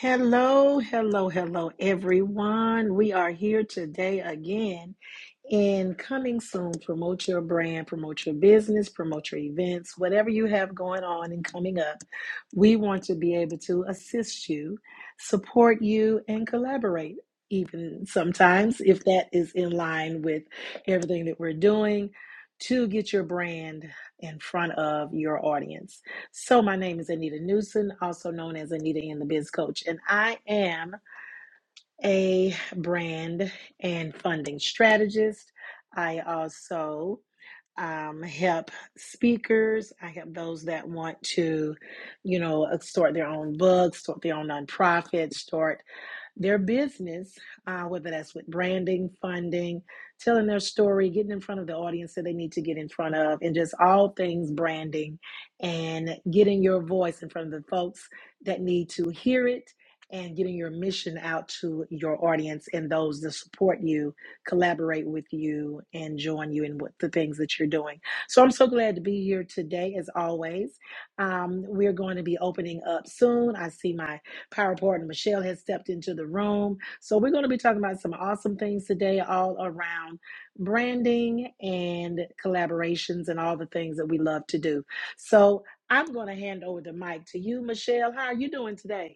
Hello, hello, hello, everyone. We are here today again and coming soon, promote your brand, promote your business, promote your events, whatever you have going on and coming up. We want to be able to assist you, support you, and collaborate, even sometimes if that is in line with everything that we're doing to get your brand in front of your audience. So, my name is Anita Newson, also known as Anita and the Biz Coach, and I am a brand and funding strategist. I also um, help speakers. I help those that want to, you know, uh, start their own books, start their own nonprofits, start their business, uh, whether that's with branding, funding, telling their story, getting in front of the audience that they need to get in front of, and just all things branding and getting your voice in front of the folks that need to hear it and getting your mission out to your audience and those that support you, collaborate with you, and join you in what the things that you're doing. So I'm so glad to be here today, as always. Um, we're going to be opening up soon. I see my Power Partner Michelle has stepped into the room. So we're going to be talking about some awesome things today, all around branding and collaborations and all the things that we love to do. So I'm going to hand over the mic to you, Michelle. How are you doing today?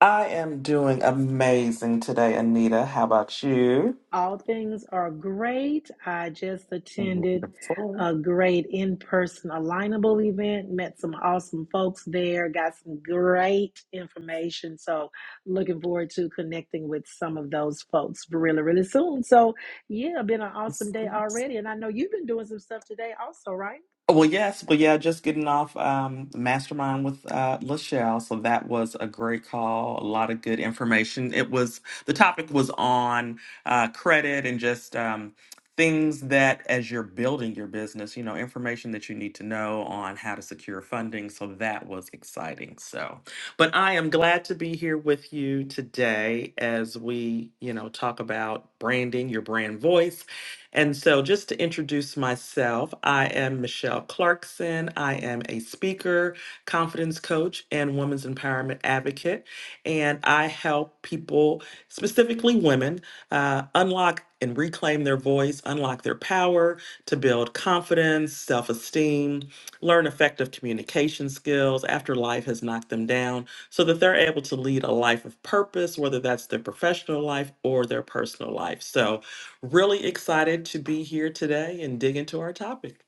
I am doing amazing today, Anita. How about you? All things are great. I just attended Wonderful. a great in person alignable event, met some awesome folks there, got some great information. So, looking forward to connecting with some of those folks really, really soon. So, yeah, been an awesome day already. And I know you've been doing some stuff today, also, right? Well, yes, but yeah, just getting off um, Mastermind with uh, Lachelle. So that was a great call. A lot of good information. It was the topic was on uh, credit and just um, things that, as you're building your business, you know, information that you need to know on how to secure funding. So that was exciting. So, but I am glad to be here with you today as we, you know, talk about branding, your brand voice and so, just to introduce myself, I am Michelle Clarkson. I am a speaker, confidence coach, and women's empowerment advocate. And I help people, specifically women, uh, unlock and reclaim their voice, unlock their power to build confidence, self esteem, learn effective communication skills after life has knocked them down so that they're able to lead a life of purpose, whether that's their professional life or their personal life. So, Really excited to be here today and dig into our topic.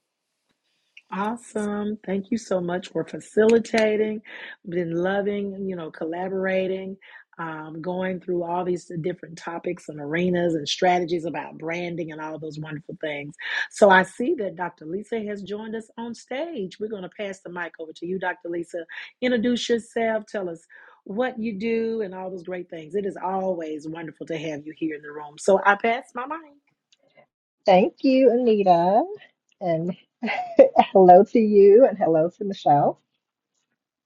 Awesome. Thank you so much for facilitating. Been loving, you know, collaborating, um, going through all these different topics and arenas and strategies about branding and all those wonderful things. So I see that Dr. Lisa has joined us on stage. We're going to pass the mic over to you, Dr. Lisa. Introduce yourself. Tell us what you do and all those great things. It is always wonderful to have you here in the room. So I pass my mic. Thank you, Anita. And hello to you and hello to Michelle.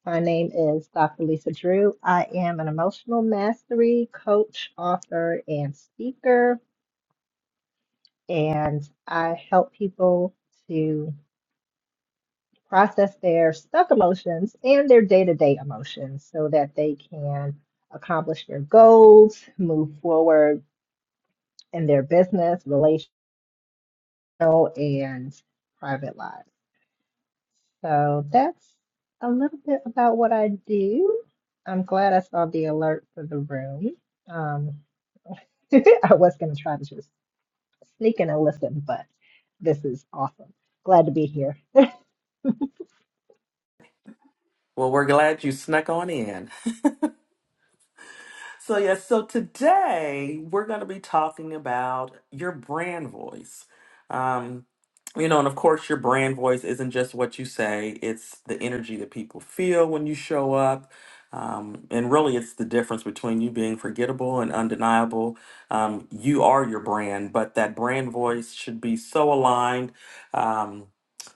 My name is Dr. Lisa Drew. I am an emotional mastery coach, author, and speaker. And I help people to process their stuck emotions and their day to day emotions so that they can accomplish their goals, move forward in their business, relational, and private lives. So that's a little bit about what I do. I'm glad I saw the alert for the room. Um, I was going to try to just sneak in and listen, but this is awesome. Glad to be here. Well, we're glad you snuck on in. So, yes, so today we're going to be talking about your brand voice. Um, you know, and of course, your brand voice isn't just what you say, it's the energy that people feel when you show up. Um, and really, it's the difference between you being forgettable and undeniable. Um, you are your brand, but that brand voice should be so aligned. Um,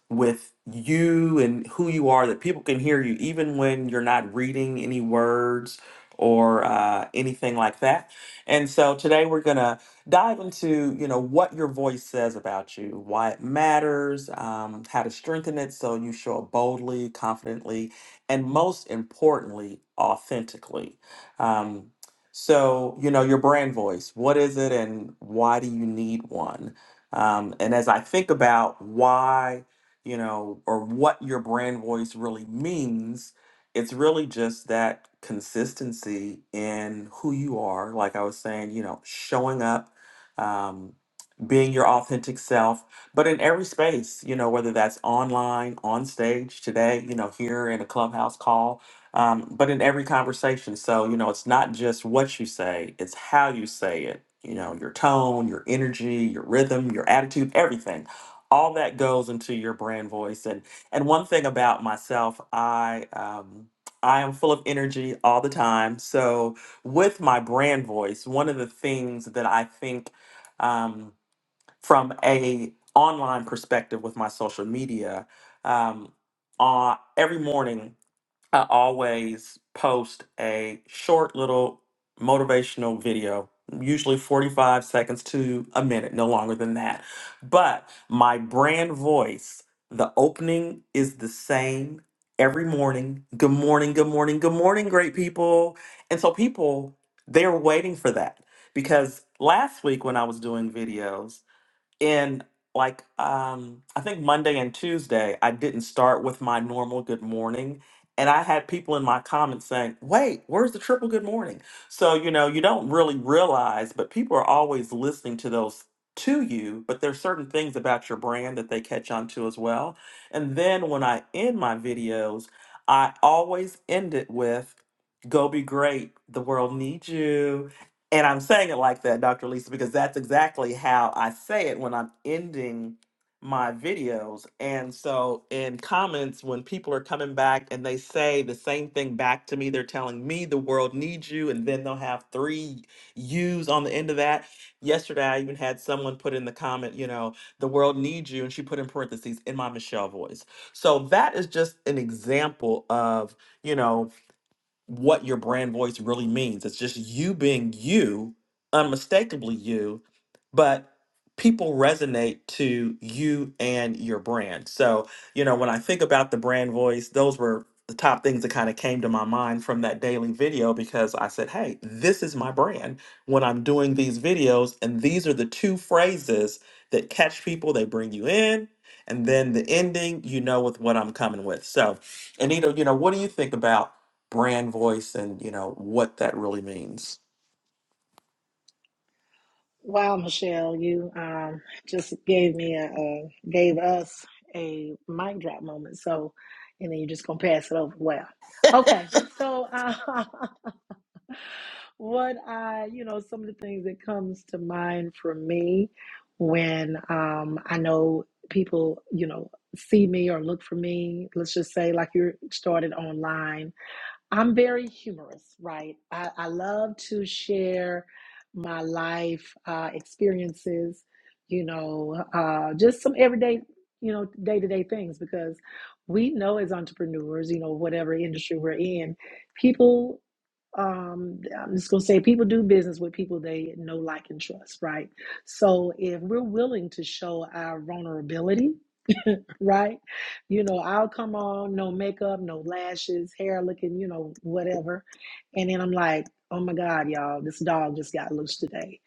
with you and who you are that people can hear you even when you're not reading any words or uh, anything like that and so today we're going to dive into you know what your voice says about you why it matters um, how to strengthen it so you show up boldly confidently and most importantly authentically um, so you know your brand voice what is it and why do you need one um, and as i think about why you know, or what your brand voice really means. It's really just that consistency in who you are. Like I was saying, you know, showing up, um, being your authentic self, but in every space, you know, whether that's online, on stage today, you know, here in a clubhouse call, um, but in every conversation. So, you know, it's not just what you say, it's how you say it, you know, your tone, your energy, your rhythm, your attitude, everything all that goes into your brand voice and and one thing about myself i um i am full of energy all the time so with my brand voice one of the things that i think um from a online perspective with my social media um uh, every morning I always post a short little motivational video, usually 45 seconds to a minute, no longer than that. But my brand voice, the opening is the same every morning. Good morning, good morning, good morning, great people. And so people, they're waiting for that because last week when I was doing videos, in like um I think Monday and Tuesday I didn't start with my normal good morning and I had people in my comments saying, "Wait, where's the triple good morning?" So, you know, you don't really realize, but people are always listening to those to you, but there's certain things about your brand that they catch on to as well. And then when I end my videos, I always end it with go be great. The world needs you. And I'm saying it like that, Dr. Lisa, because that's exactly how I say it when I'm ending my videos. And so in comments, when people are coming back and they say the same thing back to me, they're telling me the world needs you, and then they'll have three U's on the end of that. Yesterday, I even had someone put in the comment, you know, the world needs you, and she put in parentheses in my Michelle voice. So that is just an example of, you know, what your brand voice really means. It's just you being you, unmistakably you, but people resonate to you and your brand. So, you know, when I think about the brand voice, those were the top things that kind of came to my mind from that daily video because I said, hey, this is my brand when I'm doing these videos. And these are the two phrases that catch people, they bring you in. And then the ending, you know, with what I'm coming with. So, Anita, you know, what do you think about? brand voice and you know what that really means. Wow, Michelle, you um, just gave me a, a gave us a mic drop moment. So, and then you're just gonna pass it over. Wow. Okay. So, uh, what I, you know, some of the things that comes to mind for me when um, I know people, you know, see me or look for me. Let's just say, like you started online I'm very humorous, right? I, I love to share my life uh, experiences, you know, uh, just some everyday, you know, day to day things because we know as entrepreneurs, you know, whatever industry we're in, people, um, I'm just going to say, people do business with people they know, like, and trust, right? So if we're willing to show our vulnerability, right? You know, I'll come on, no makeup, no lashes, hair looking, you know, whatever. And then I'm like, oh my God, y'all, this dog just got loose today.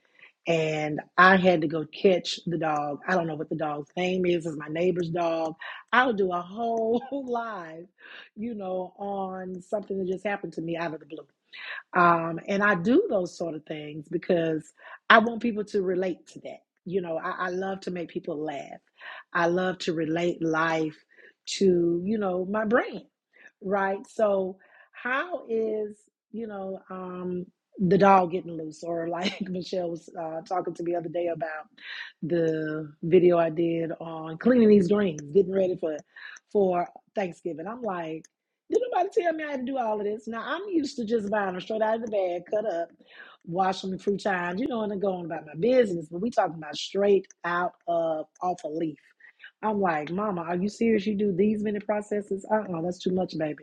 And I had to go catch the dog. I don't know what the dog's name is. It's my neighbor's dog. I'll do a whole live, you know, on something that just happened to me out of the blue. Um, and I do those sort of things because I want people to relate to that. You know, I, I love to make people laugh. I love to relate life to, you know, my brand, right? So, how is, you know, um, the dog getting loose, or like Michelle was uh, talking to me the other day about the video I did on cleaning these greens, getting ready for for Thanksgiving. I'm like, did nobody tell me I had to do all of this? Now I'm used to just buying them straight out of the bag, cut up, wash them through times, you know, and then going about my business. But we talking about straight out of off a leaf. I'm like, Mama, are you serious? You do these many processes? Uh-uh, that's too much, baby.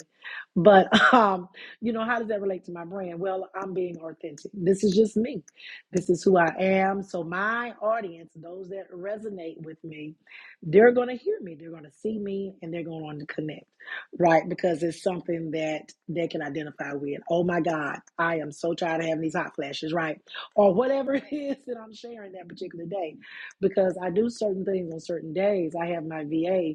But um, you know, how does that relate to my brand? Well, I'm being authentic. This is just me. This is who I am. So my audience, those that resonate with me, they're gonna hear me, they're gonna see me, and they're going to connect right? Because it's something that they can identify with. Oh my God, I am so tired of having these hot flashes, right? Or whatever it is that I'm sharing that particular day. Because I do certain things on certain days. I have my VA,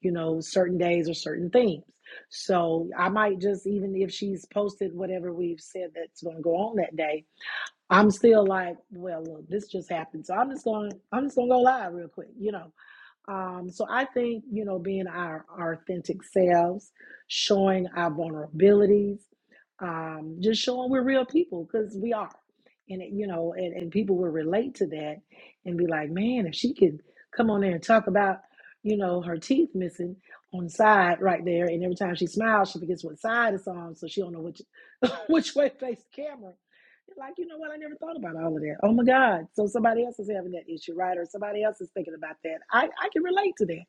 you know, certain days or certain themes. So I might just, even if she's posted whatever we've said that's going to go on that day, I'm still like, well, look, this just happened. So I'm just going, I'm just going to go live real quick, you know um, so I think, you know, being our, our authentic selves, showing our vulnerabilities, um, just showing we're real people because we are. And, it, you know, and, and people will relate to that and be like, man, if she could come on there and talk about, you know, her teeth missing on the side right there. And every time she smiles, she forgets what side it's on. So she don't know which, which way to face the camera you're like, you know what? I never thought about all of that. Oh my God. So somebody else is having that issue, right? Or somebody else is thinking about that. I, I can relate to that.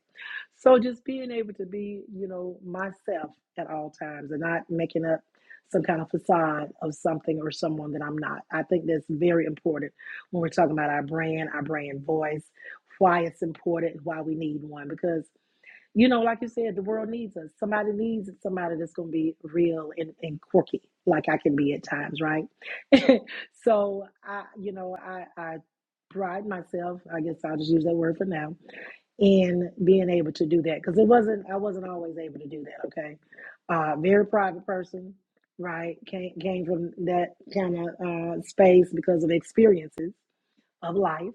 So just being able to be, you know, myself at all times and not making up some kind of facade of something or someone that I'm not. I think that's very important when we're talking about our brand, our brand voice, why it's important, why we need one. Because you know, like you said, the world needs us. Somebody needs somebody that's going to be real and, and quirky, like I can be at times, right? so I, you know, I, I pride myself. I guess I'll just use that word for now in being able to do that because it wasn't. I wasn't always able to do that. Okay, uh, very private person, right? Came came from that kind of uh, space because of experiences of life.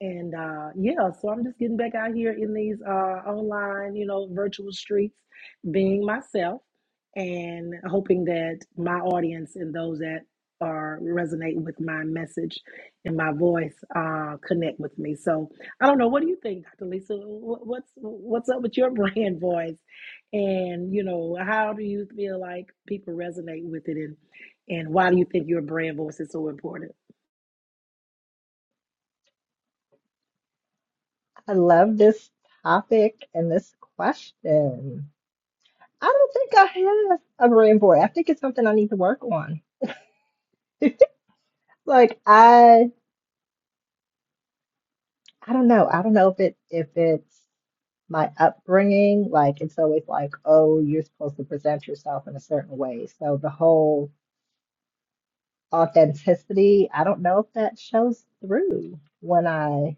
And uh, yeah, so I'm just getting back out here in these uh, online, you know, virtual streets, being myself and hoping that my audience and those that are resonate with my message and my voice uh, connect with me. So I don't know. What do you think, Dr. Lisa? Wh- What's what's up with your brand voice? And you know, how do you feel like people resonate with it? And and why do you think your brand voice is so important? I love this topic and this question. I don't think I have a brain board. I think it's something I need to work on. Like I, I don't know. I don't know if it if it's my upbringing. Like it's always like, oh, you're supposed to present yourself in a certain way. So the whole authenticity, I don't know if that shows through when I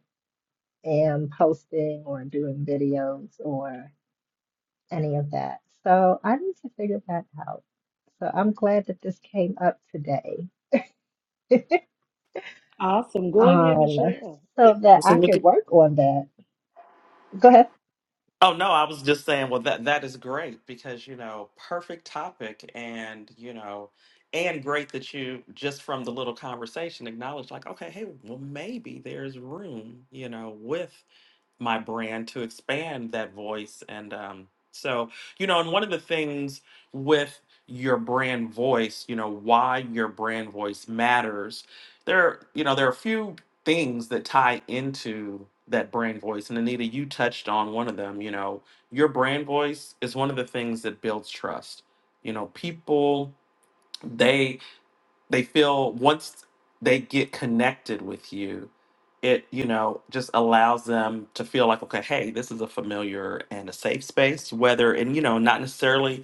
am posting or doing videos or any of that. So I need to figure that out. So I'm glad that this came up today, Awesome. Go ahead, um, Michelle. so that I So you can could- work on that. Go ahead. Oh no, I was just saying, well that that is great because you know, perfect topic and you know, and great that you just from the little conversation acknowledged. like, okay, hey, well maybe there's room, you know, with my brand to expand that voice and um so you know and one of the things with your brand voice you know why your brand voice matters there you know there are a few things that tie into that brand voice and anita you touched on one of them you know your brand voice is one of the things that builds trust you know people they they feel once they get connected with you it you know just allows them to feel like okay hey this is a familiar and a safe space whether and you know not necessarily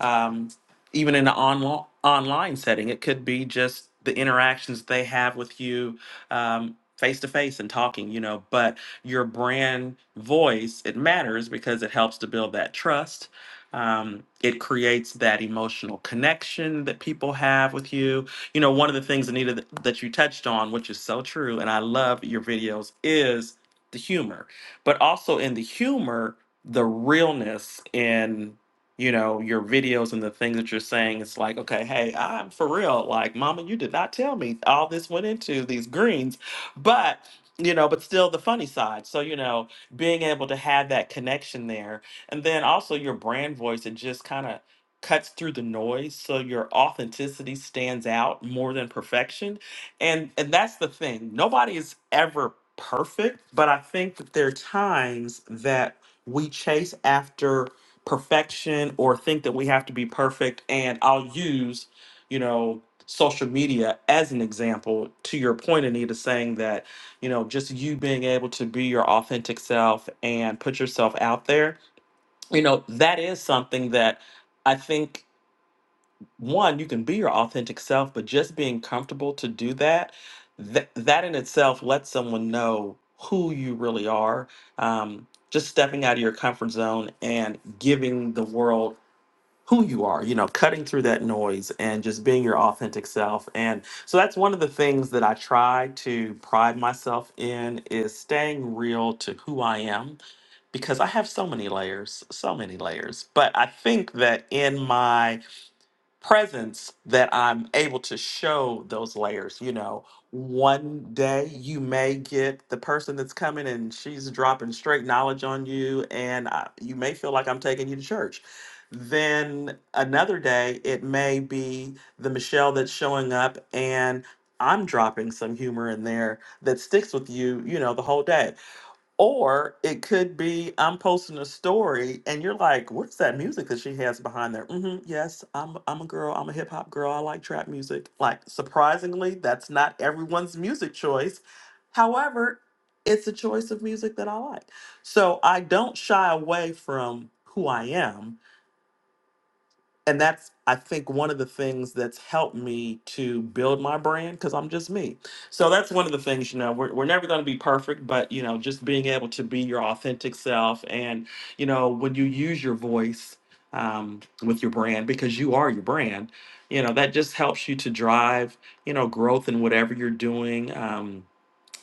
um, even in an online online setting it could be just the interactions they have with you um, face to face and talking you know but your brand voice it matters because it helps to build that trust um, it creates that emotional connection that people have with you you know, one of the things, Anita, that that you touched on, which is so true, and I love your videos, is the humor, but also in the humor, the realness in you know your videos and the things that you're saying it's like okay hey i'm for real like mama you did not tell me all this went into these greens but you know but still the funny side so you know being able to have that connection there and then also your brand voice it just kind of cuts through the noise so your authenticity stands out more than perfection and and that's the thing nobody is ever perfect but i think that there are times that we chase after perfection or think that we have to be perfect and i'll use you know social media as an example to your point anita saying that you know just you being able to be your authentic self and put yourself out there you know that is something that I think one you can be your authentic self but just being comfortable to do that th- that in itself lets someone know who you really are um, just stepping out of your comfort zone and giving the world who you are you know cutting through that noise and just being your authentic self and so that's one of the things that i try to pride myself in is staying real to who i am because i have so many layers so many layers but i think that in my presence that I'm able to show those layers. You know, one day you may get the person that's coming and she's dropping straight knowledge on you, and I, you may feel like I'm taking you to church. Then another day, it may be the Michelle that's showing up and I'm dropping some humor in there that sticks with you, you know, the whole day. Or it could be I'm posting a story and you're like, what's that music that she has behind there? hmm yes, I'm I'm a girl, I'm a hip hop girl, I like trap music. Like surprisingly, that's not everyone's music choice. However, it's a choice of music that I like. So I don't shy away from who I am and that's I think one of the things that's helped me to build my brand because I'm just me. So that's one of the things, you know, we're, we're never going to be perfect, but you know, just being able to be your authentic self and, you know, when you use your voice um, with your brand, because you are your brand, you know, that just helps you to drive, you know, growth in whatever you're doing. Um,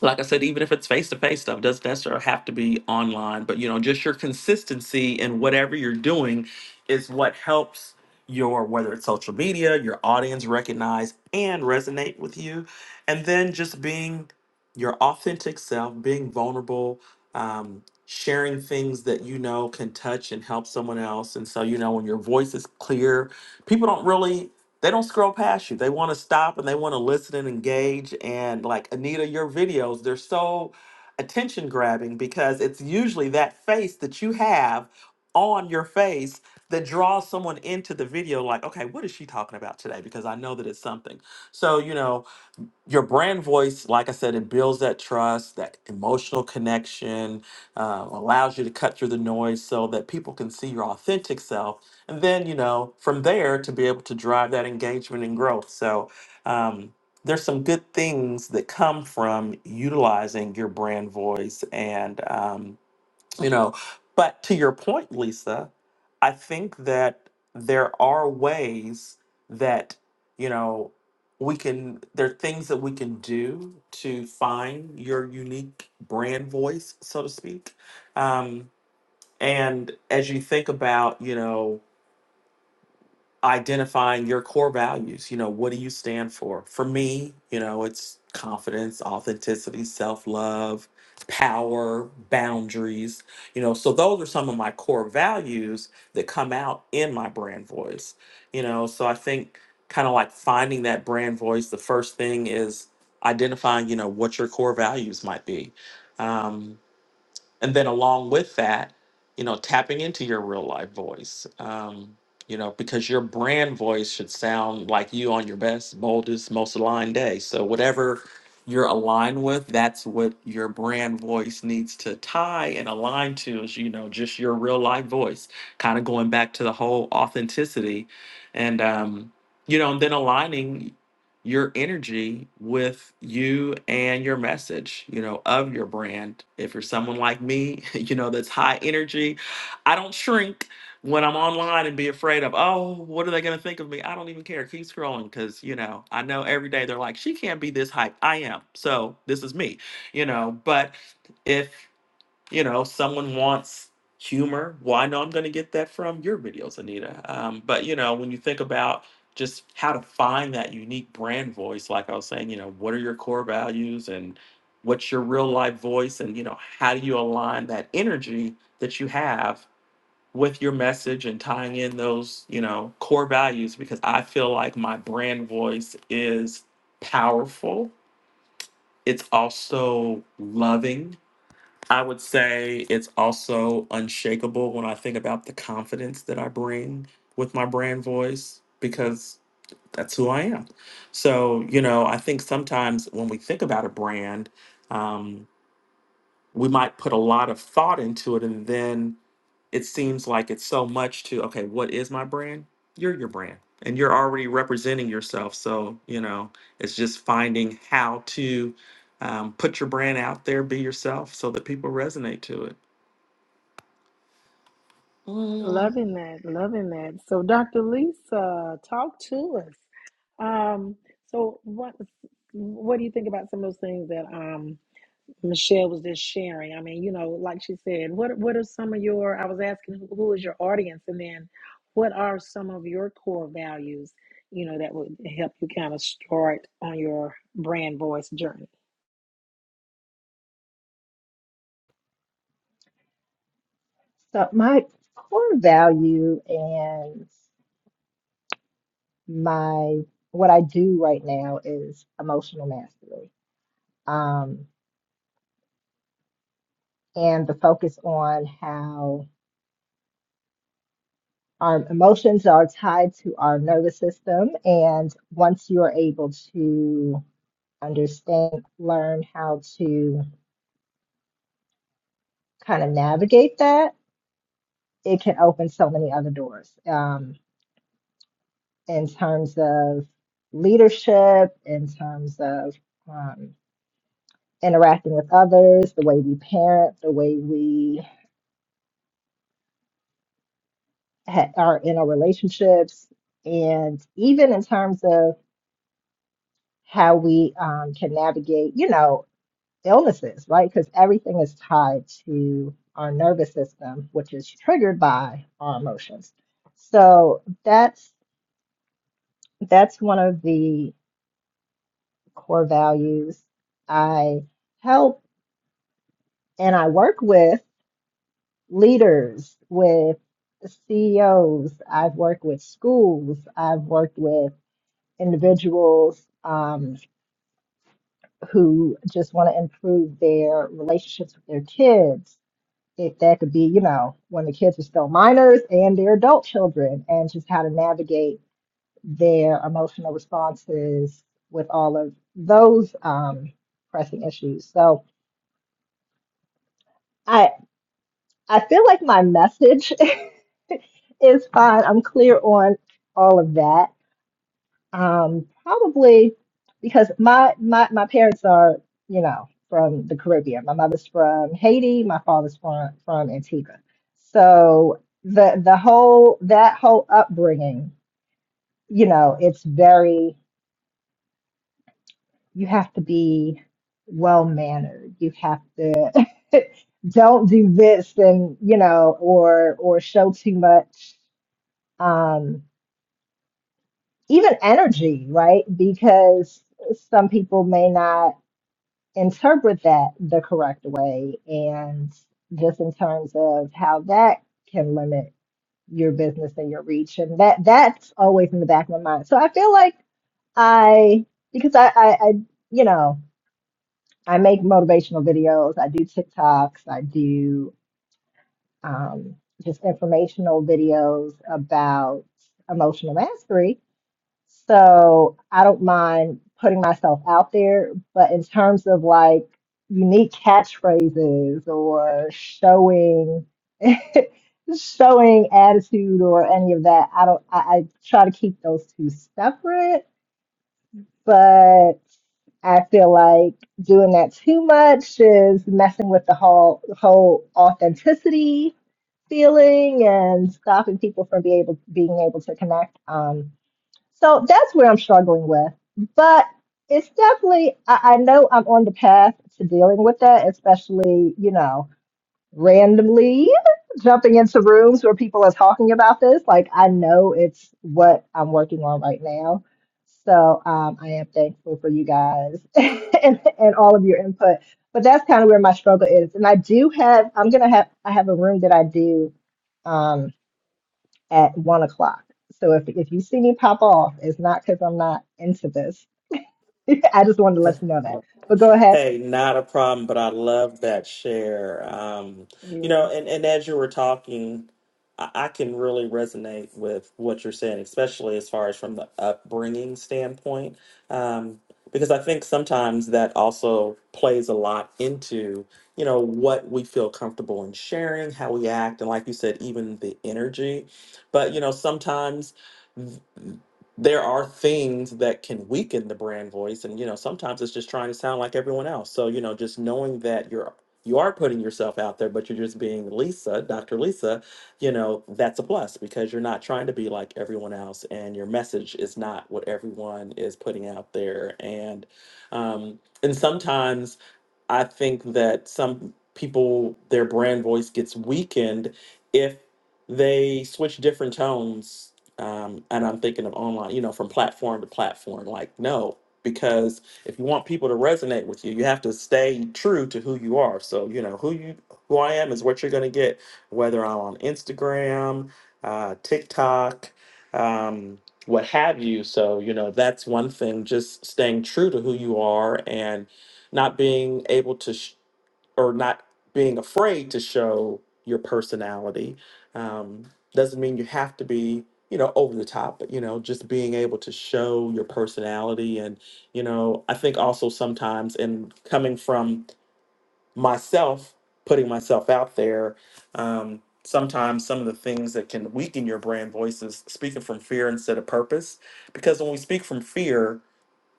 like I said, even if it's face to face stuff, doesn't necessarily have to be online, but you know, just your consistency in whatever you're doing is what helps your whether it's social media, your audience recognize and resonate with you. And then just being your authentic self, being vulnerable, um, sharing things that you know can touch and help someone else. And so, you know, when your voice is clear, people don't really they don't scroll past you. They want to stop and they want to listen and engage. And like Anita, your videos, they're so attention grabbing because it's usually that face that you have on your face that draws someone into the video like okay what is she talking about today because i know that it's something so you know your brand voice, like I said, it builds that trust, that emotional connection, uh, allows you to cut through the noise so that people can see your authentic self. And then, you know, from there to be able to drive that engagement and growth. So, um, there's some good things that come from utilizing your brand voice and, um, you know but to your point lisa i think that there are ways that you know we can there are things that we can do to find your unique brand voice so to speak um, and as you think about you know identifying your core values. You know, what do you stand for? For me, you know, it's confidence, authenticity, self love, power, boundaries. You know, so those are some of my core values that come out in my brand voice. You know, so I think kind of like finding that brand voice, the first thing is identifying, you know, what your core values might be. Um, and then along with that you know tapping into your real life voice um you know because your brand voice should sound like you on your best boldest most aligned day so whatever you're aligned with that's what your brand voice needs to tie and align to is you know just your real life voice kind of going back to the whole authenticity and um you know and then aligning your energy with you and your message, you know, of your brand. If you're someone like me, you know, that's high energy, I don't shrink when I'm online and be afraid of, oh, what are they going to think of me? I don't even care. Keep scrolling because, you know, I know every day they're like, she can't be this hype. I am. So this is me, you know, but. if you know, someone wants humor, well, I know I'm going to get that from your videos, Anita. Um, but, you know, when you think about just how to find that unique brand voice, like I was saying, you know, what are your core values and what's your real life voice? And, you know, how do you align that energy that you have with your message and tying in those, you know, core values? Because I feel like my brand voice is powerful, it's also loving I would say it's also unshakable when I think about the confidence that I bring with my brand voice because that's who I am. So, you know, I think sometimes when we think about a brand, um, we might put a lot of thought into it and then it seems like it's so much to, okay, what is my brand? You're your brand and you're already representing yourself. So, you know, it's just finding how to um, put your brand out there, be yourself so that people resonate to it. Mm. Loving that, loving that. So, Dr. Lisa, talk to us. Um, so, what what do you think about some of those things that um Michelle was just sharing. I mean, you know, like she said, what what are some of your? I was asking who who is your audience, and then what are some of your core values? You know, that would help you kind of start on your brand voice journey. So my core value and my what I do right now is emotional mastery. Um, and the focus on how our emotions are tied to our nervous system. And once you're able to understand, learn how to kind of navigate that, it can open so many other doors um, in terms of leadership, in terms of um, interacting with others, the way we parent, the way we ha- are in our relationships, and even in terms of how we um, can navigate, you know, illnesses, right? Because everything is tied to our nervous system, which is triggered by our emotions. So that's that's one of the core values I help and I work with leaders, with CEOs. I've worked with schools. I've worked with individuals um, who just want to improve their relationships with their kids. If that could be, you know, when the kids are still minors and their adult children, and just how to navigate their emotional responses with all of those um, pressing issues. So, I. I feel like my message is fine. I'm clear on all of that. Um, probably because my my my parents are, you know, from the Caribbean. My mother's from Haiti. My father's from from Antigua. So the the whole that whole upbringing, you know, it's very you have to be well mannered. You have to don't do this and you know or or show too much um, even energy, right? Because some people may not interpret that the correct way. And just in terms of how that can limit your business and your reach. And that that's always in the back of my mind. So I feel like I, because I, I, I you know, I make motivational videos, I do TikToks, I do um, just informational videos about emotional mastery So I don't mind putting myself out there, but in terms of like unique catchphrases or showing showing attitude or any of that, I don't I, I try to keep those two separate, but I feel like doing that too much is messing with the whole whole authenticity feeling and stopping people from being able being able to connect. Um, so that's where I'm struggling with. But it's definitely, I, I know I'm on the path to dealing with that, especially, you know, randomly jumping into rooms where people are talking about this. Like, I know it's what I'm working on right now. So um, I am thankful for you guys and, and all of your input. But that's kind of where my struggle is. And I do have, I'm going to have, I have a room that I do. um at one o'clock. So if if you see me pop off, it's not because I'm not into this. I just wanted to let you know that. But go ahead. Hey, not a problem, but I love that share. Um, you Yeah. know, and, and as you were talking, I, I can really resonate with what you're saying, especially as far as from the upbringing standpoint, um, because I think sometimes that also plays a lot into, you know, what we feel comfortable in sharing, how we act, and like you said, even the energy. But, you know, sometimes. there are things that can weaken the brand voice and you know sometimes it's just trying to sound like everyone else so you know just knowing that you're you are putting yourself out there but you're just being lisa dr lisa you know that's a plus because you're not trying to be like everyone else and your message is not what everyone is putting out there and um and sometimes I think that some people, their brand voice gets weakened if they switch different tones. Um, and I'm thinking of online, you know, from platform to platform. Like, no, because if you want people to resonate with you, you have to stay true to who you are. So, you know, who you who I am is what you're going to get, whether I'm on Instagram, uh, TikTok, um, what have you. So, you know, that's one thing, just staying true to who you are and not being able to sh- or not being afraid to show your personality um, doesn't mean you have to be you know over the top but you know just being able to show your personality and you know i think also sometimes in coming from myself putting myself out there um, sometimes some of the things that can weaken your brand voice is speaking from fear instead of purpose because when we speak from fear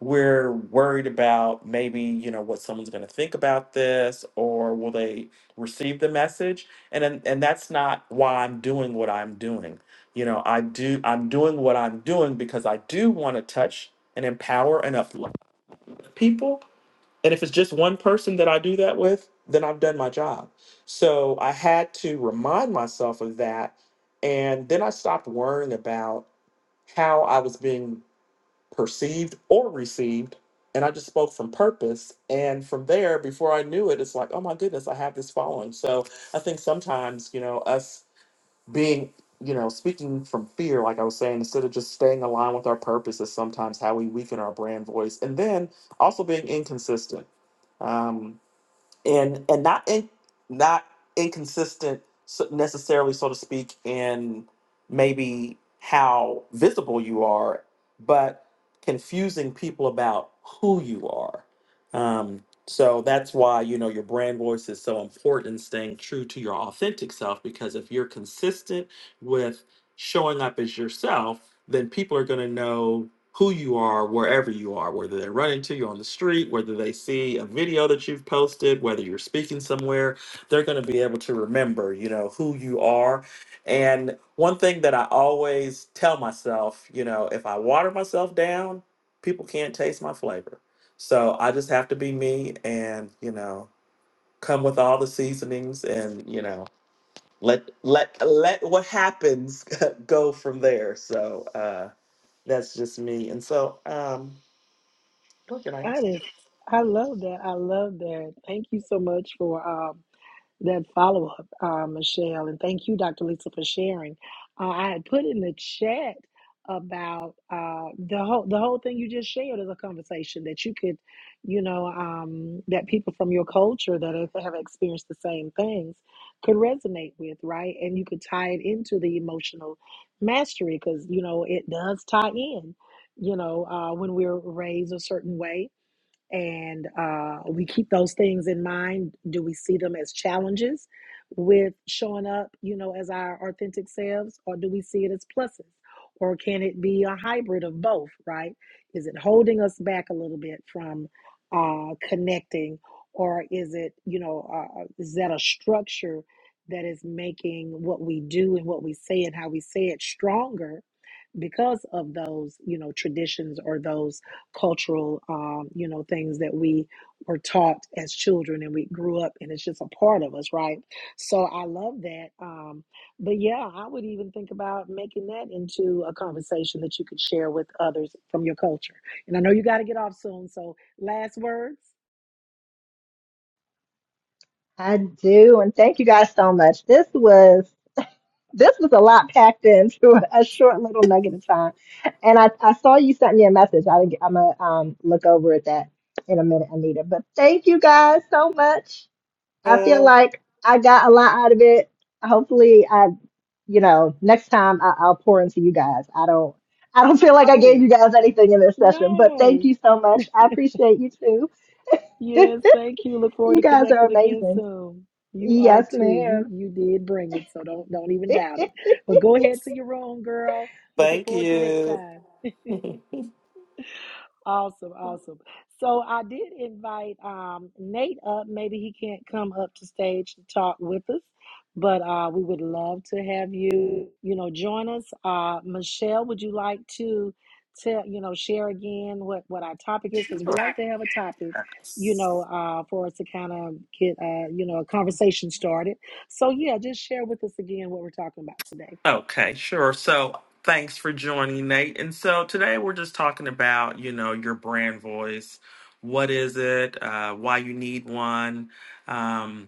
we're worried about maybe you know what someone's going to think about this or will they receive the message and, and and that's not why i'm doing what i'm doing you know i do i'm doing what i'm doing because i do want to touch and empower and uplift people and if it's just one person that i do that with then i've done my job so i had to remind myself of that and then i stopped worrying about how i was being perceived or received and i just spoke from purpose and from there before i knew it it's like oh my goodness i have this following so i think sometimes you know us being you know speaking from fear like i was saying instead of just staying aligned with our purpose is sometimes how we weaken our brand voice and then also being inconsistent Um, and and not in, not inconsistent so- necessarily, so to speak, in maybe how visible you are, but confusing people about who you are. Um, so that's why you know your brand voice is so important. and Staying true to your authentic self, because if you're consistent with showing up as yourself, then people are going to know who you are wherever you are, whether they run into you on the street, whether they see a video that you've posted, whether you're speaking somewhere, they're going to be able to remember, you know, who you are. And one thing that I always tell myself, you know, if I water myself down, people can't taste my flavor. So I just have to be me and, you know, come with all the seasonings and, you know, let let let what happens go from there. So, uh that's just me. And so, um, look at That nice. is, I love that. I love that. Thank you so much for um, that follow up, uh, Michelle. And thank you, Dr. Lisa, for sharing. Uh, I had put in the chat about uh, the whole the whole thing you just shared is a conversation that you could, you know, um, that people from your culture that have have experienced the same things could resonate with, right? And you could tie it into the emotional mastery because you know it does tie in. You know, uh, when we're raised a certain way, and uh, we keep those things in mind. Do we see them as challenges with showing up, you know, as our authentic selves, or do we see it as pluses? Or can it be a hybrid of both, right? Is it holding us back a little bit from uh, connecting, or is it, you know, uh, is that a structure that is making what we do and what we say and how we say it stronger? because of those you know traditions or those cultural um, you know things that we were taught as children and we grew up and it's just a part of us right so i love that um, but yeah i would even think about making that into a conversation that you could share with others from your culture and i know you got to get off soon so last words I do, and thank you guys so much. This was this was a lot packed into a short little nugget of time. And I, I saw you sent me a message. I, I'm gonna um, look over at that in a minute, Anita. But thank you guys so much. I feel Uh, like I got a lot out of it. Hopefully, I, you know, next time I, I'll pour into you guys. I don't, I don't feel like I gave oh you guys anything in this session, but no thank you so much. I appreciate you too. Yes, thank you. Look forward you to guys are connecting again amazing. soon. You are Yes, too. You ma'am. you did bring it, so don't don't even doubt it. But go ahead to your room, girl. Looking thank forward to next you. time. Awesome, awesome. So I did invite um, Nate up. Maybe he can't come up to stage to talk with us, but uh, we would love to have you, you know, join us. Uh, Michelle, would you like to tell, you know, share again what what our topic is? Because we Sure. like to have a topic, you know, uh, for us to kind of get, uh, you know, a conversation started. So yeah, just share with us again what we're talking about today. Okay, sure. So thanks for joining, Nate. And so today we're just talking about, you know, your brand voice. What is it? Uh, why you need one? Um,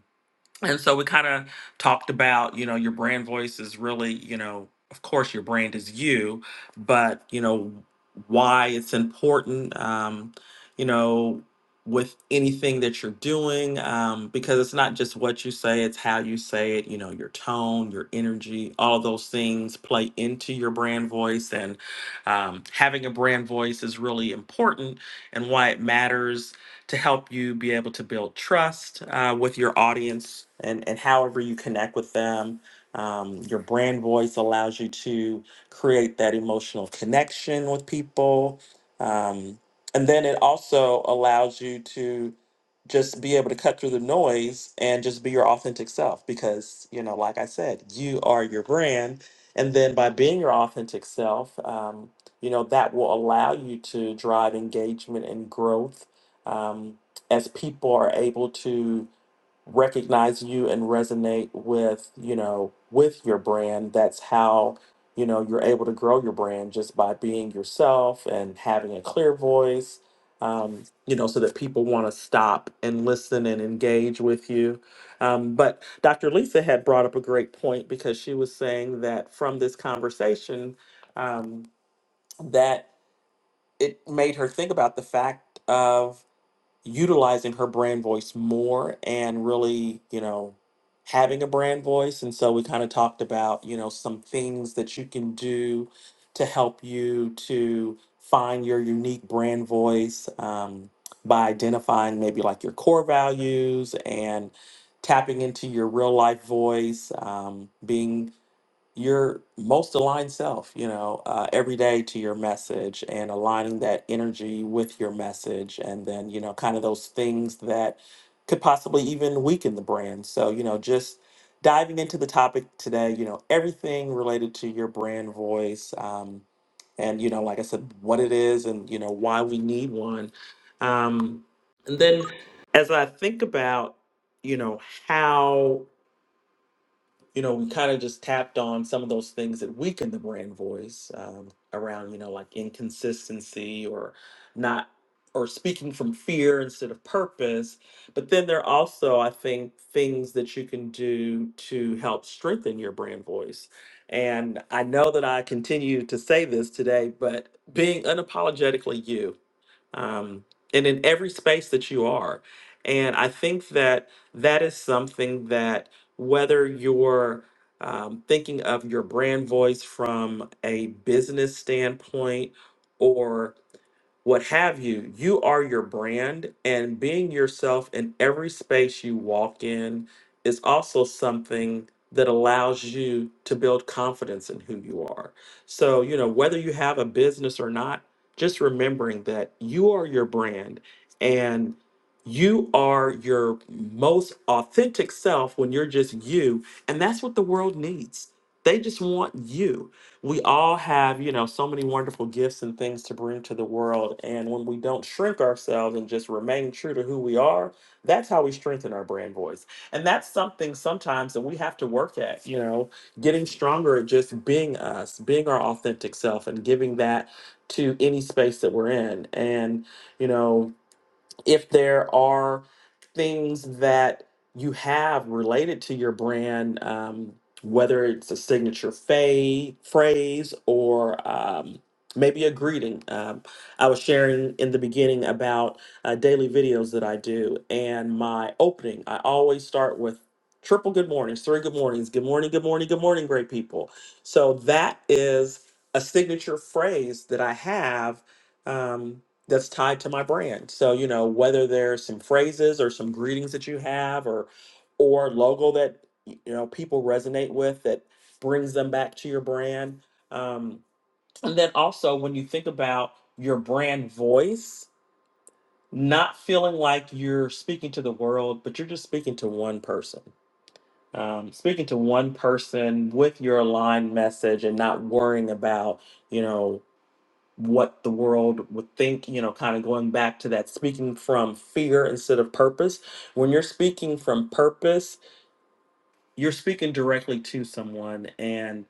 And so we kind of talked about, you know, your brand voice is really, you know, of course your brand is you, but, you know, why it's important, um, you know, with anything that you're doing, um, because it's not just what you say, it's how you say it, you know, your tone, your energy, all those things play into your brand voice. And um, having a brand voice is really important and why it matters to help you be able to build trust uh, with your audience and, and however you connect with them. Um, your brand voice allows you to create that emotional connection with people. Um, and then it also allows you to just be able to cut through the noise and just be your authentic self because, you know, like I said, you are your brand. And then by being your authentic self, um, you know, that will allow you to drive engagement and growth um, as people are able to recognize you and resonate with you know with your brand that's how you know you're able to grow your brand just by being yourself and having a clear voice um, you know so that people want to stop and listen and engage with you um, but dr lisa had brought up a great point because she was saying that from this conversation um, that it made her think about the fact of utilizing her brand voice more and really, you know, having a brand voice. And so we kind of talked about, you know, some things that you can do to help you to find your unique brand voice um, by identifying maybe like your core values and tapping into your real life voice, um, being your most aligned self, you know, uh, every day to your message and aligning that energy with your message. And then, you know, kind of those things that could possibly even weaken the brand. So, you know, just diving into the topic today, you know, everything related to your brand voice. Um, and, you know, like I said, what it is and, you know, why we need one. Um, and then as I think about, you know, how you know, we kind of just tapped on some of those things that weaken the brand voice um, around, you know, like inconsistency or not, or speaking from fear instead of purpose. But then there are also, I think, things that you can do to help strengthen your brand voice. And I know that I continue to say this today, but being unapologetically you um, and in every space that you are. And I think that that is something that whether you're um, thinking of your brand voice from a business standpoint or what have you. You are your brand, and being yourself in every space you walk in is also something that allows you to build confidence in who you are. So, you know, whether you have a business or not, just remembering that you are your brand and you are your most authentic self when you're just you. And that's what the world needs. They just want you we all have, you know, so many wonderful gifts and things to bring to the world. And when we don't shrink ourselves and just remain true to who we are, that's how we strengthen our brand voice. And that's something sometimes that we have to work at, you know, getting stronger at just being us, being our authentic self, and giving that to any space that we're in. And, you know, if there are things that you have related to your brand, um, whether it's a signature fa- phrase or um, maybe a greeting. Um, I was sharing in the beginning about uh, daily videos that I do and my opening. I always start with triple good mornings, three good mornings, good morning, good morning, good morning, great people. So that is a signature phrase that I have. Um, that's tied to my brand. So, you know, whether there's some phrases or some greetings that you have or or logo that y- you know people resonate with that brings them back to your brand. Um, and then also when you think about your brand voice, not feeling like you're speaking to the world, but you're just speaking to one person. Um, speaking to one person with your aligned message and not worrying about, you know, what the world would think, you know, kind of going back to that speaking from fear instead of purpose. When you're speaking from purpose, you're speaking directly to someone. And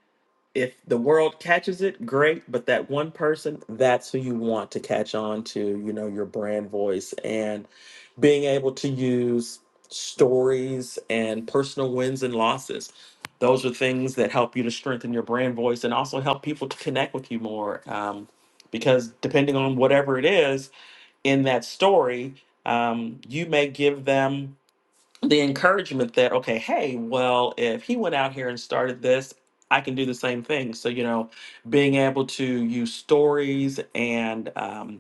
if the world catches it, great. But that one person, that's who you want to catch on to, you know, your brand voice. And being able to use stories and personal wins and losses. Those are things that help you to strengthen your brand voice and also help people to connect with you more. Um, because depending on whatever it is in that story, um, you may give them the encouragement that, okay, hey, well, if he went out here and started this, I can do the same thing. So, you know, being able to use stories and um,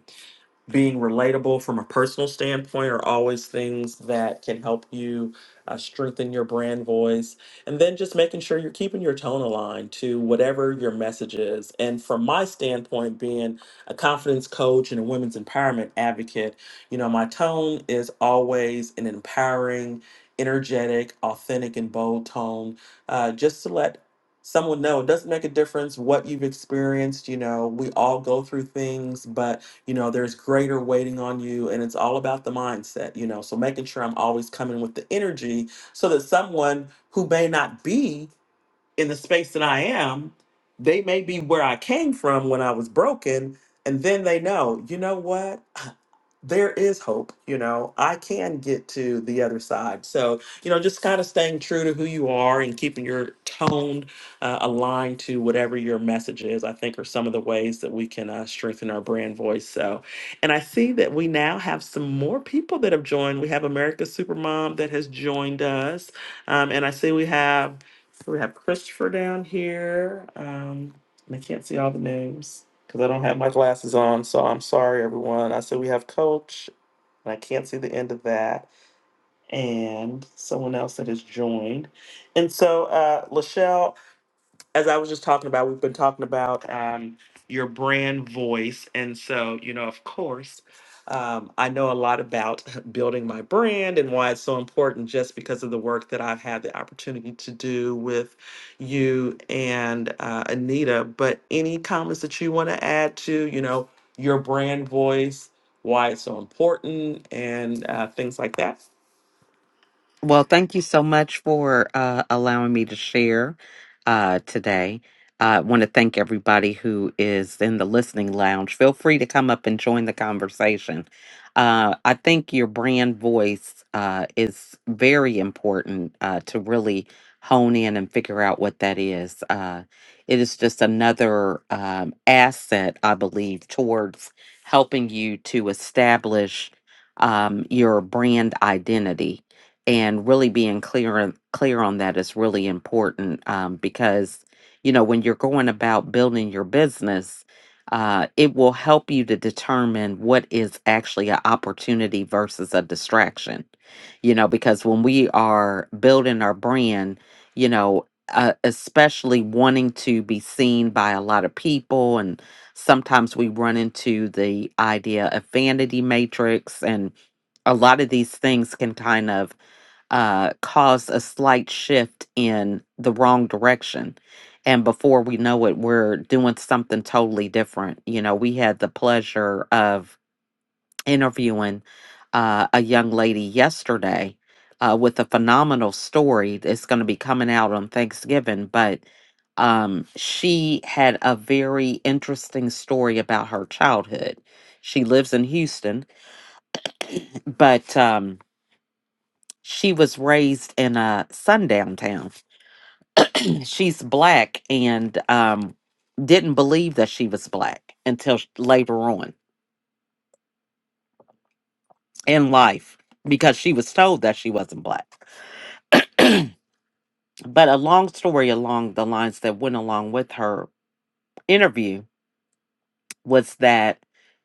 being relatable from a personal standpoint are always things that can help you uh, strengthen your brand voice. And then just making sure you're keeping your tone aligned to whatever your message is. And from my standpoint, being a confidence coach and a women's empowerment advocate, you know, my tone is always an empowering, energetic, authentic, and bold tone uh, just to let someone know it doesn't make a difference what you've experienced you know we all go through things but you know there's greater waiting on you and it's all about the mindset you know so making sure i'm always coming with the energy so that someone who may not be in the space that i am they may be where i came from when i was broken and then they know you know what there is hope you know i can get to the other side so you know just kind of staying true to who you are and keeping your tone uh, aligned to whatever your message is i think are some of the ways that we can uh, strengthen our brand voice so and i see that we now have some more people that have joined we have america's supermom that has joined us um, and i see we have we have christopher down here um, and i can't see all the names because I don't have my glasses on. So I'm sorry, everyone. I said we have Coach, and I can't see the end of that, and someone else that has joined. And so, uh, Lachelle, as I was just talking about, we've been talking about um, your brand voice. And so, you know, of course, um, I know a lot about building my brand and why it's so important just because of the work that I've had the opportunity to do with you and uh, Anita. But any comments that you want to add to, you know, your brand voice, why it's so important, and uh, things like that? Well, thank you so much for uh, allowing me to share uh, today. I want to thank everybody who is in the listening lounge. Feel free to come up and join the conversation. Uh, I think your brand voice uh, is very important uh, to really hone in and figure out what that is. Uh, it is just another um, asset, I believe, towards helping you to establish um, your brand identity and really being clear on, clear on that is really important um, because you know when you're going about building your business uh, it will help you to determine what is actually an opportunity versus a distraction you know because when we are building our brand you know uh, especially wanting to be seen by a lot of people and sometimes we run into the idea of vanity matrix and a lot of these things can kind of uh, caused a slight shift in the wrong direction. And before we know it, we're doing something totally different. You know, we had the pleasure of interviewing uh, a young lady yesterday uh, with a phenomenal story that's going to be coming out on Thanksgiving. But um, she had a very interesting story about her childhood. She lives in Houston, but um, she was raised in a sundown town she's black and um didn't believe that she was black until sh- later on in life because she was told that she wasn't black but a long story along the lines that went along with her interview was that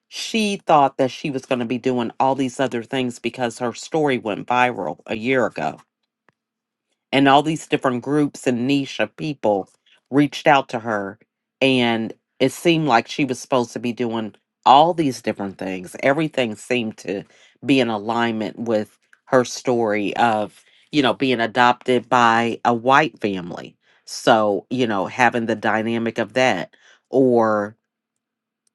she thought that she was going to be doing all these other things because her story went viral a year ago and all these different groups and niche of people reached out to her and it seemed like she was supposed to be doing all these different things everything seemed to be in alignment with her story of you know being adopted by a white family so you know having the dynamic of that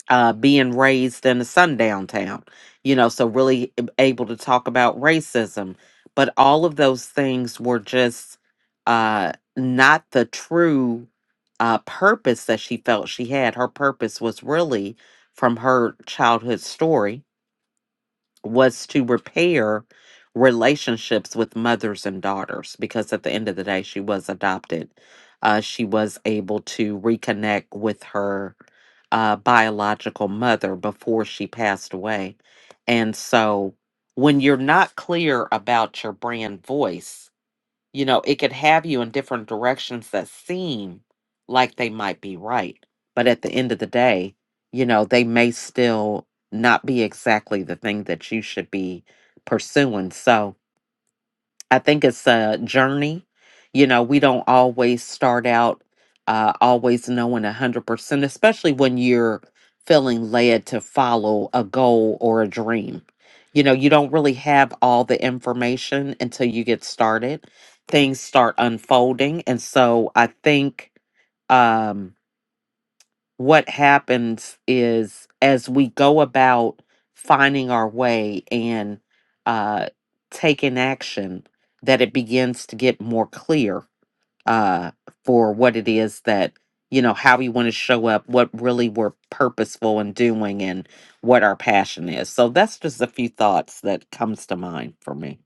uh, being raised in a sundown town, you know, so really able to talk about racism. But all of those things were just uh, not the true uh, purpose that she felt she had. Her purpose was really from her childhood story was to repair relationships with mothers and daughters because at the end of the day she was adopted uh, she was able to reconnect with her uh, biological mother before she passed away and so when you're not clear about your brand voice you know, it could have you in different directions that seem like they might be right. But at the end of the day, you know, they may still not be exactly the thing that you should be pursuing. So, I think it's a journey. You know, we don't always start out uh, always knowing 100%, especially when you're feeling led to follow a goal or a dream. You know, you don't really have all the information until you get started. Things start unfolding. And so I think. um, what happens is as we go about finding our way and uh, taking action, that it begins to get more clear uh, for what it is that, you know, how we want to show up, what really we're purposeful in doing, and what our passion is. So that's just a few thoughts that comes to mind for me.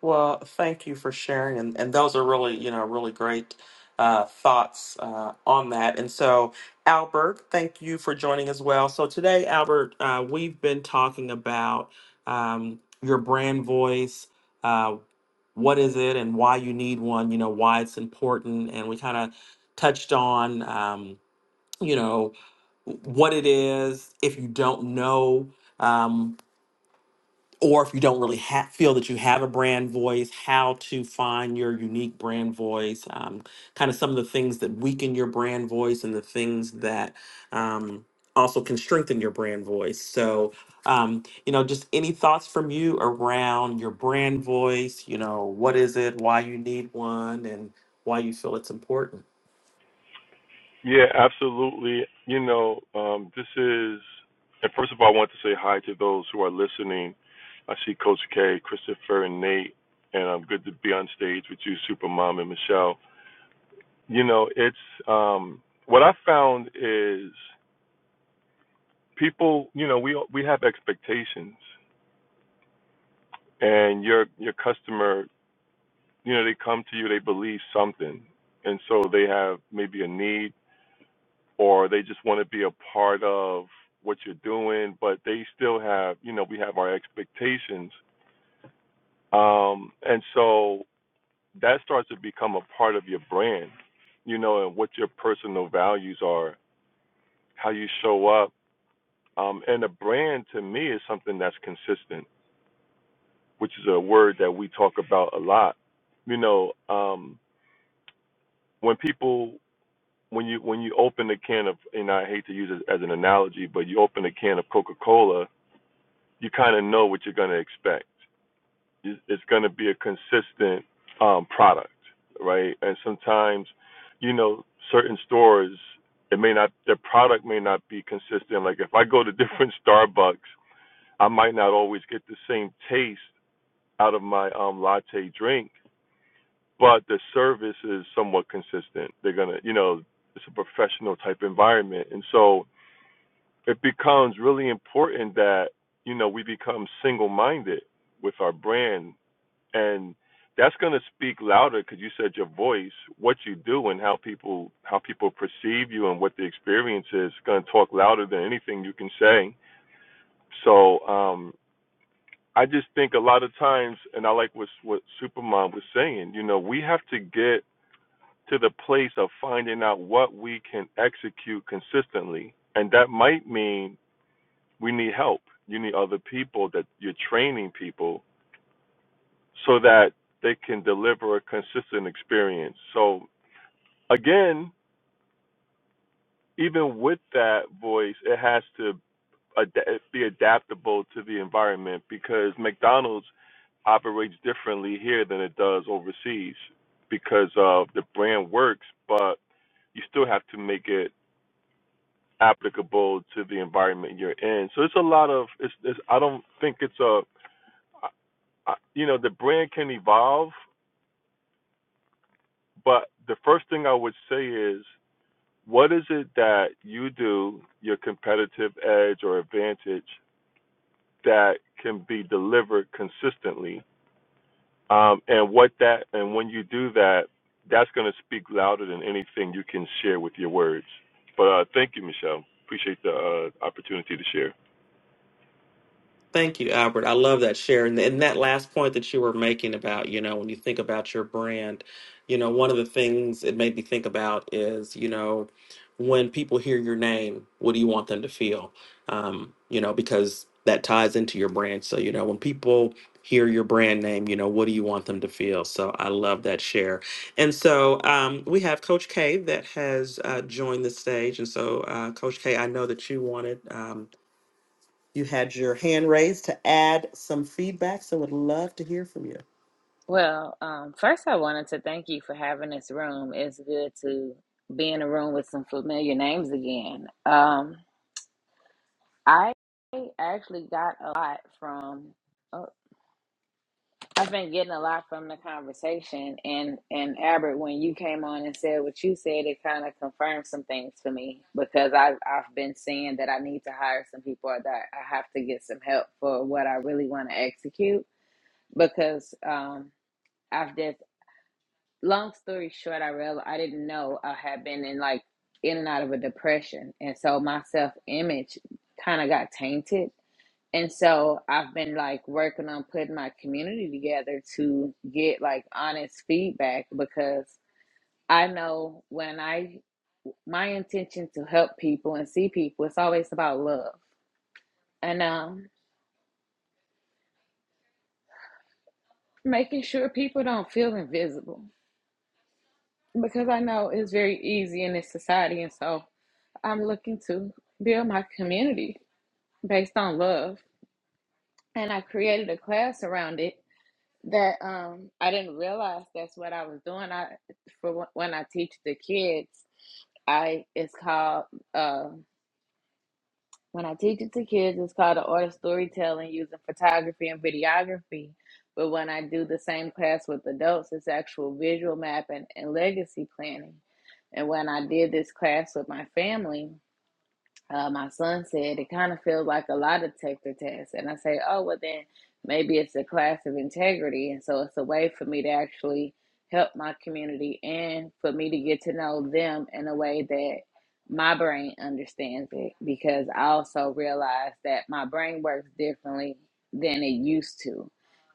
Well, thank you for sharing, and, and those are really, you know, really great uh, thoughts uh, on that. And so, Albert, thank you for joining as well. So today, Albert, uh, we've been talking about um, your brand voice. Uh, what is it, and why you need one? You know, why it's important, and we kind of touched on, um, you know, what it is if you don't know. Um, or if you don't really ha- feel that you have a brand voice, how to find your unique brand voice, um, kind of some of the things that weaken your brand voice and the things that um, also can strengthen your brand voice. So, um, you know, just any thoughts from you around your brand voice, you know, what is it, why you need one, and why you feel it's important? Yeah, absolutely. You know, um, this is, and first of all, I want to say hi to those who are listening. I see Coach K, Christopher, and Nate, and I'm good to be on stage with you, Supermom and Michelle. You know, it's um, what I found is people. You know, we we have expectations, and your your customer, you know, they come to you, they believe something, and so they have maybe a need or they just want to be a part of what you're doing, but they still have, you know, we have our expectations. Um, and so that starts to become a part of your brand, you know, and what your personal values are, how you show up. Um, and a brand to me is something that's consistent, which is a word that we talk about a lot. You know, um, when people, when you when you open a can of, and I hate to use it as an analogy, but you open a can of Coca-Cola, you kind of know what you're going to expect. It's, going to be a consistent um, product, right? And sometimes, you know, certain stores, it may not, their product may not be consistent. Like if I go to different Starbucks, I might not always get the same taste out of my um, latte drink, but the service is somewhat consistent. They're going to, you know, it's a professional type environment. And so, it becomes really important that you know we become single minded with our brand and that's going to speak louder because you said your voice what you do and how people how people perceive you and what the experience is going to talk louder than anything you can say so um i just think a lot of times and i like what what supermom was saying you know we have to get to the place of finding out what we can execute consistently and that might mean we need help. You need other people that you're training people so that they can deliver a consistent experience. So again, even with that voice, it has to ad- be adaptable to the environment because McDonald's operates differently here than it does overseas because of the brand works, but you still have to make it applicable to the environment you're in. So it's a lot of it's, it's I don't think it's a I- you know the brand can evolve but the first thing i would say is what is it that you do your competitive edge or advantage that can be delivered consistently um, and what that and when you do that that's going to speak louder than anything you can share with your words but uh, thank you michelle appreciate the uh, opportunity to share Thank you, Albert. I love that share. And, and that last point that you were making about, you know, when you think about your brand, you know, one of the things it made me think about is, you know, when people hear your name, what do you want them to feel? Um, you know, because that ties into your brand. So, you know, when people hear your brand name, you know, what do you want them to feel? So I love that share. And so um, we have Coach K that has uh, joined the stage. And so, uh, Coach K, I know that you wanted. Um, you had your hand raised to add some feedback, so would love to hear from you. Well, um, first, I wanted to thank you for having this room. It's good to be in a room with some familiar names again. Um, I actually got a lot from, uh, I've been getting a lot from the conversation. And, and Albert, when you came on and said what you said, it kind of confirmed some things for me because I've, I've been saying that I need to hire some people or that I have to get some help for what I really want to execute because um, I've just long story short, I realized I didn't know I had been in like in and out of a depression, and so my self image kind of got tainted. And so I've been like working on putting my community together to get like honest feedback because I know when I my intention to help people and see people, it's always about love and um making sure people don't feel invisible because I know it's very easy in this society, and so I'm looking to build my community based on love. And I created a class around it that um, I didn't realize that's what I was doing. I for wh- when I teach the kids, I it's called uh, when I teach it to kids, it's called the art of storytelling using photography and videography. But when I do the same class with adults, it's actual visual mapping and legacy planning. And when I did this class with my family, uh, my son said it kind of feels like a lie detector test. And I say, oh, well, then maybe it's a class of integrity. And so it's a way for me to actually help my community and for me to get to know them in a way that my brain understands it. Because I also realize that my brain works differently than it used to,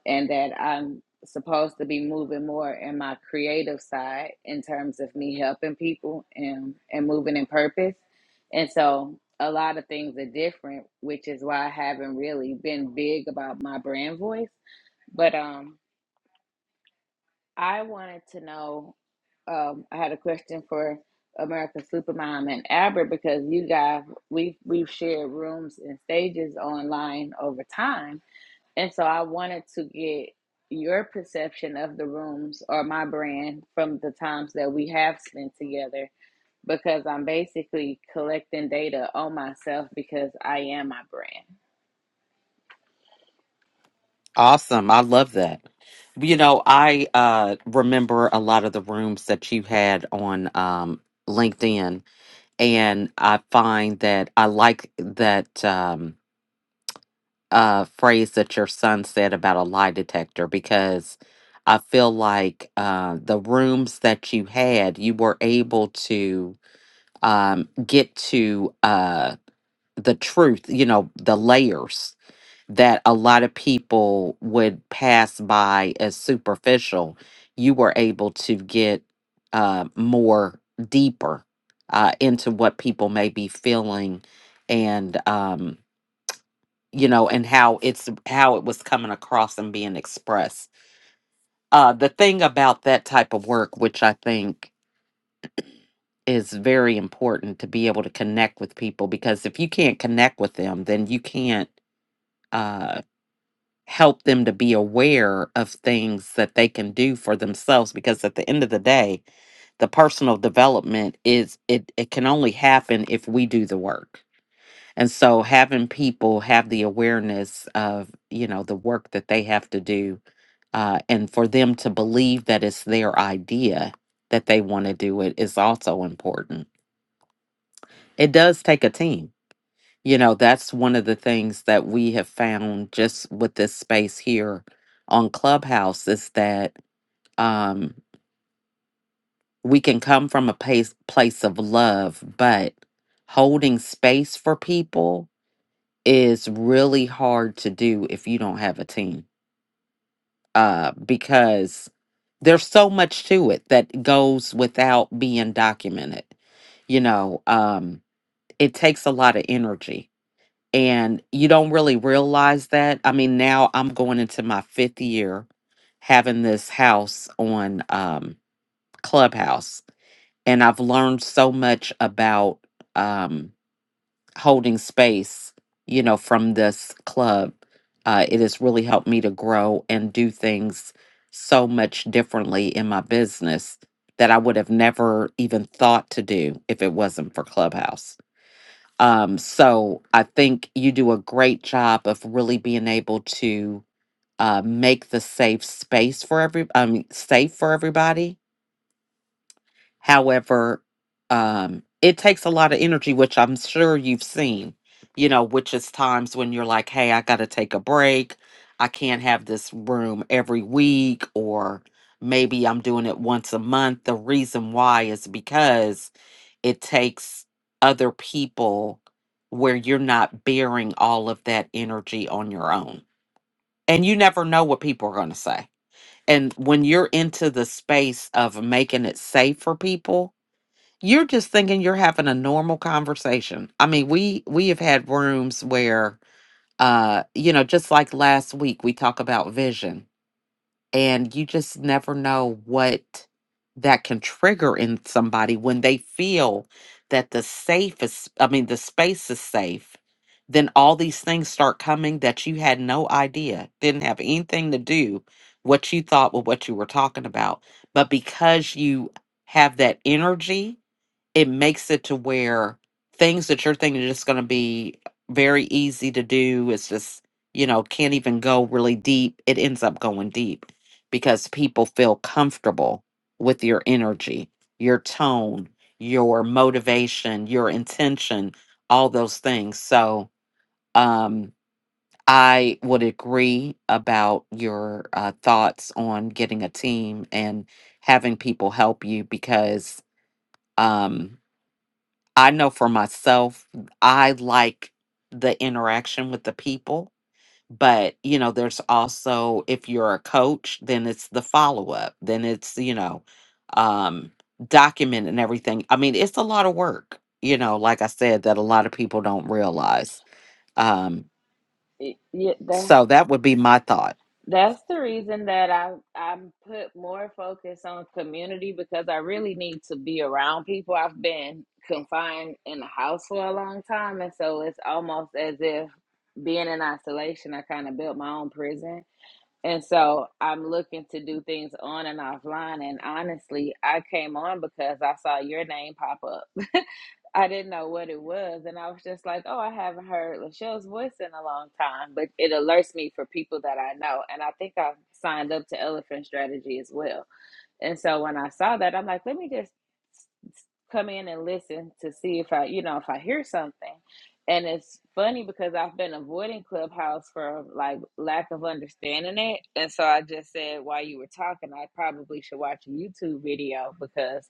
and that I'm supposed to be moving more in my creative side in terms of me helping people and, and moving in purpose and so a lot of things are different, which is why I haven't really been big about my brand voice. But um, I wanted to know. Um, I had a question for America Supermom and Albert because you guys we have we've shared rooms and stages online over time, and so I wanted to get your perception of the rooms or my brand from the times that we have spent together because I'm basically collecting data on myself because I am my brand. Awesome. I love that. You know, I uh, remember a lot of the rooms that you had on um, LinkedIn and I find that I like that um, uh, phrase that your son said about a lie detector because I feel like uh, the rooms that you had, you were able to um, get to uh, the truth, you know, the layers that a lot of people would pass by as superficial, you were able to get uh, more deeper uh, into what people may be feeling and um, you know and how it's how it was coming across and being expressed uh, the thing about that type of work which i think is very important to be able to connect with people because if you can't connect with them then you can't uh. help them to be aware of things that they can do for themselves because at the end of the day the personal development is it it can only happen if we do the work and so having people have the awareness of you know the work that they have to do uh, and for them to believe that it's their idea that they want to do it is also important it does take a team you know that's one of the things that we have found just with this space here on clubhouse is that um we can come from a place place of love but holding space for people is really hard to do if you don't have a team uh because there's so much to it that goes without being documented you know um it takes a lot of energy and you don't really realize that. I mean, now I'm going into my fifth year having this house on um, Clubhouse, and I've learned so much about um, holding space, you know, from this club. Uh, it has really helped me to grow and do things so much differently in my business that I would have never even thought to do if it wasn't for Clubhouse. Um, so I think you do a great job of really being able to uh, make the safe space for every, um, safe for everybody However, um, it takes a lot of energy, which I'm sure you've seen, you know, which is times when you're like, hey, I got to take a break. I can't have this room every week, or maybe I'm doing it once a month. The reason why is because it takes other people where you're not bearing all of that energy on your own. And you never know what people are going to say. And when you're into the space of making it safe for people, you're just thinking you're having a normal conversation. I mean, we we have had rooms where uh you know, just like last week we talk about vision and you just never know what that can trigger in somebody when they feel that the safe is I mean, the space is safe. Then all these things start coming that you had no idea, didn't have anything to do what you thought with what you were talking about. But because you have that energy it makes it to where things that you're thinking are just going to be very easy to do it's just you know can't even go really deep it ends up going deep because people feel comfortable with your energy your tone your motivation your intention all those things so um i would agree about your uh, thoughts on getting a team and having people help you because um, I know for myself, I like the interaction with the people, but you know, there's also if you're a coach, then it's the follow up, then it's, you know, um document and everything. I mean, it's a lot of work, you know, like I said that a lot of people don't realize. Um It, yeah, that, so that would be my thought. that's the reason that I I'm put more focus on community because I really need to be around people. I've been confined in the house for a long time, and so it's almost as if being in isolation, I kind of built my own prison. And so I'm looking to do things on and offline. And honestly, I came on because I saw your name pop up. I didn't know what it was. And I was just like, oh, I haven't heard Lachelle's voice in a long time, but it alerts me for people that I know. And I think I've signed up to Elephant Strategy as well. And so when I saw that, I'm like, let me just come in and listen to see if I, you know, if I hear something. And it's funny because I've been avoiding Clubhouse for like lack of understanding it. And so I just said while you were talking, I probably should watch a YouTube video because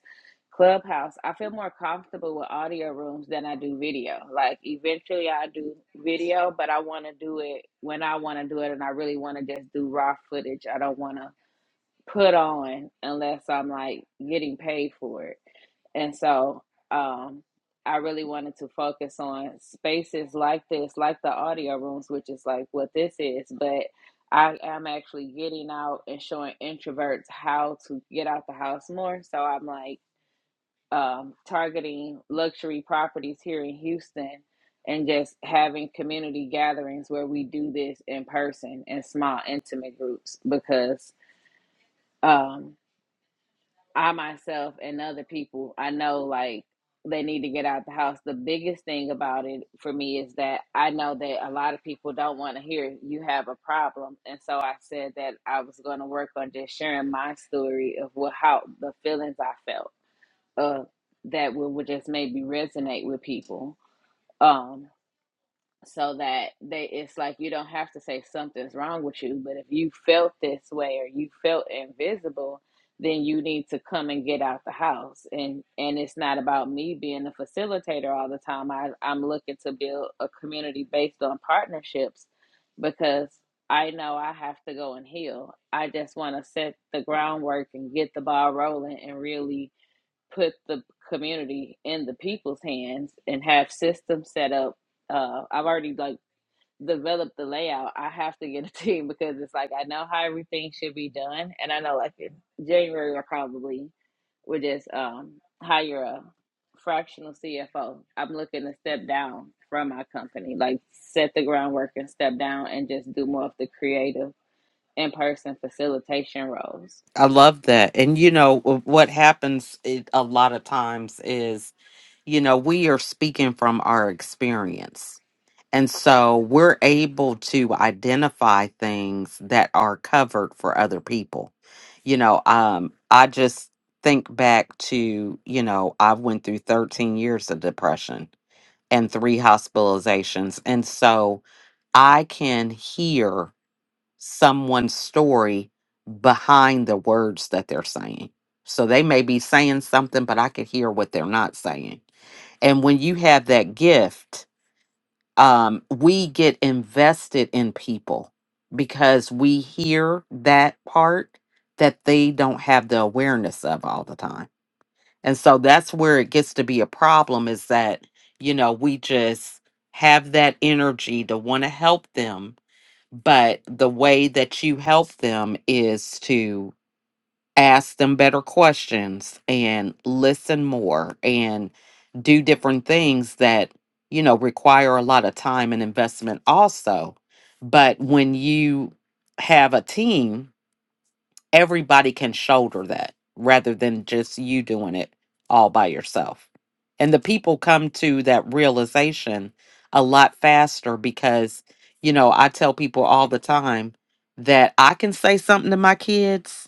Clubhouse, I feel more comfortable with audio rooms than I do video. Like eventually I do video, but I want to do it when I want to do it and I really want to just do raw footage. I don't want to put on unless I'm like getting paid for it. And so um, I really wanted to focus on spaces like this, like the audio rooms, which is like what this is. But I am actually getting out and showing introverts how to get out the house more. So I'm like um, targeting luxury properties here in Houston and just having community gatherings where we do this in person in small, intimate groups because. um, I myself and other people I know like they need to get out the house. The biggest thing about it for me is that I know that a lot of people don't want to hear you have a problem. And so I said that I was going to work on just sharing my story of what how the feelings I felt uh that would, would just maybe resonate with people. um, so that they it's like you don't have to say something's wrong with you but if you felt this way or you felt invisible then you need to come and get out the house and and it's not about me being a facilitator all the time I, i'm looking to build a community based on partnerships because i know i have to go and heal i just want to set the groundwork and get the ball rolling and really put the community in the people's hands and have systems set up. Uh, I've already like developed the layout. I have to get a team because it's like I know how everything should be done, and I know like in January I probably would just um, hire a fractional CFO. I'm looking to step down from my company, like set the groundwork and step down and just do more of the creative in person facilitation roles. I love that. And you know, w- what happens it, a lot of times is, you know, we are speaking from our experience And so we're able to identify things that are covered for other people. You know, um, I just think back to, you know, I went through 13 years of depression and three hospitalizations. And so I can hear someone's story behind the words that they're saying. So they may be saying something, but I could hear what they're not saying. And when you have that gift, um, we get invested in people because we hear that part that they don't have the awareness of all the time. And so that's where it gets to be a problem is that, you know, we just have that energy to want to help them, but the way that you help them is ask them better questions and listen more and do different things that you know require a lot of time and investment also but when you have a team everybody can shoulder that rather than just you doing it all by yourself and the people come to that realization a lot faster because you know I tell people all the time that I can say something to my kids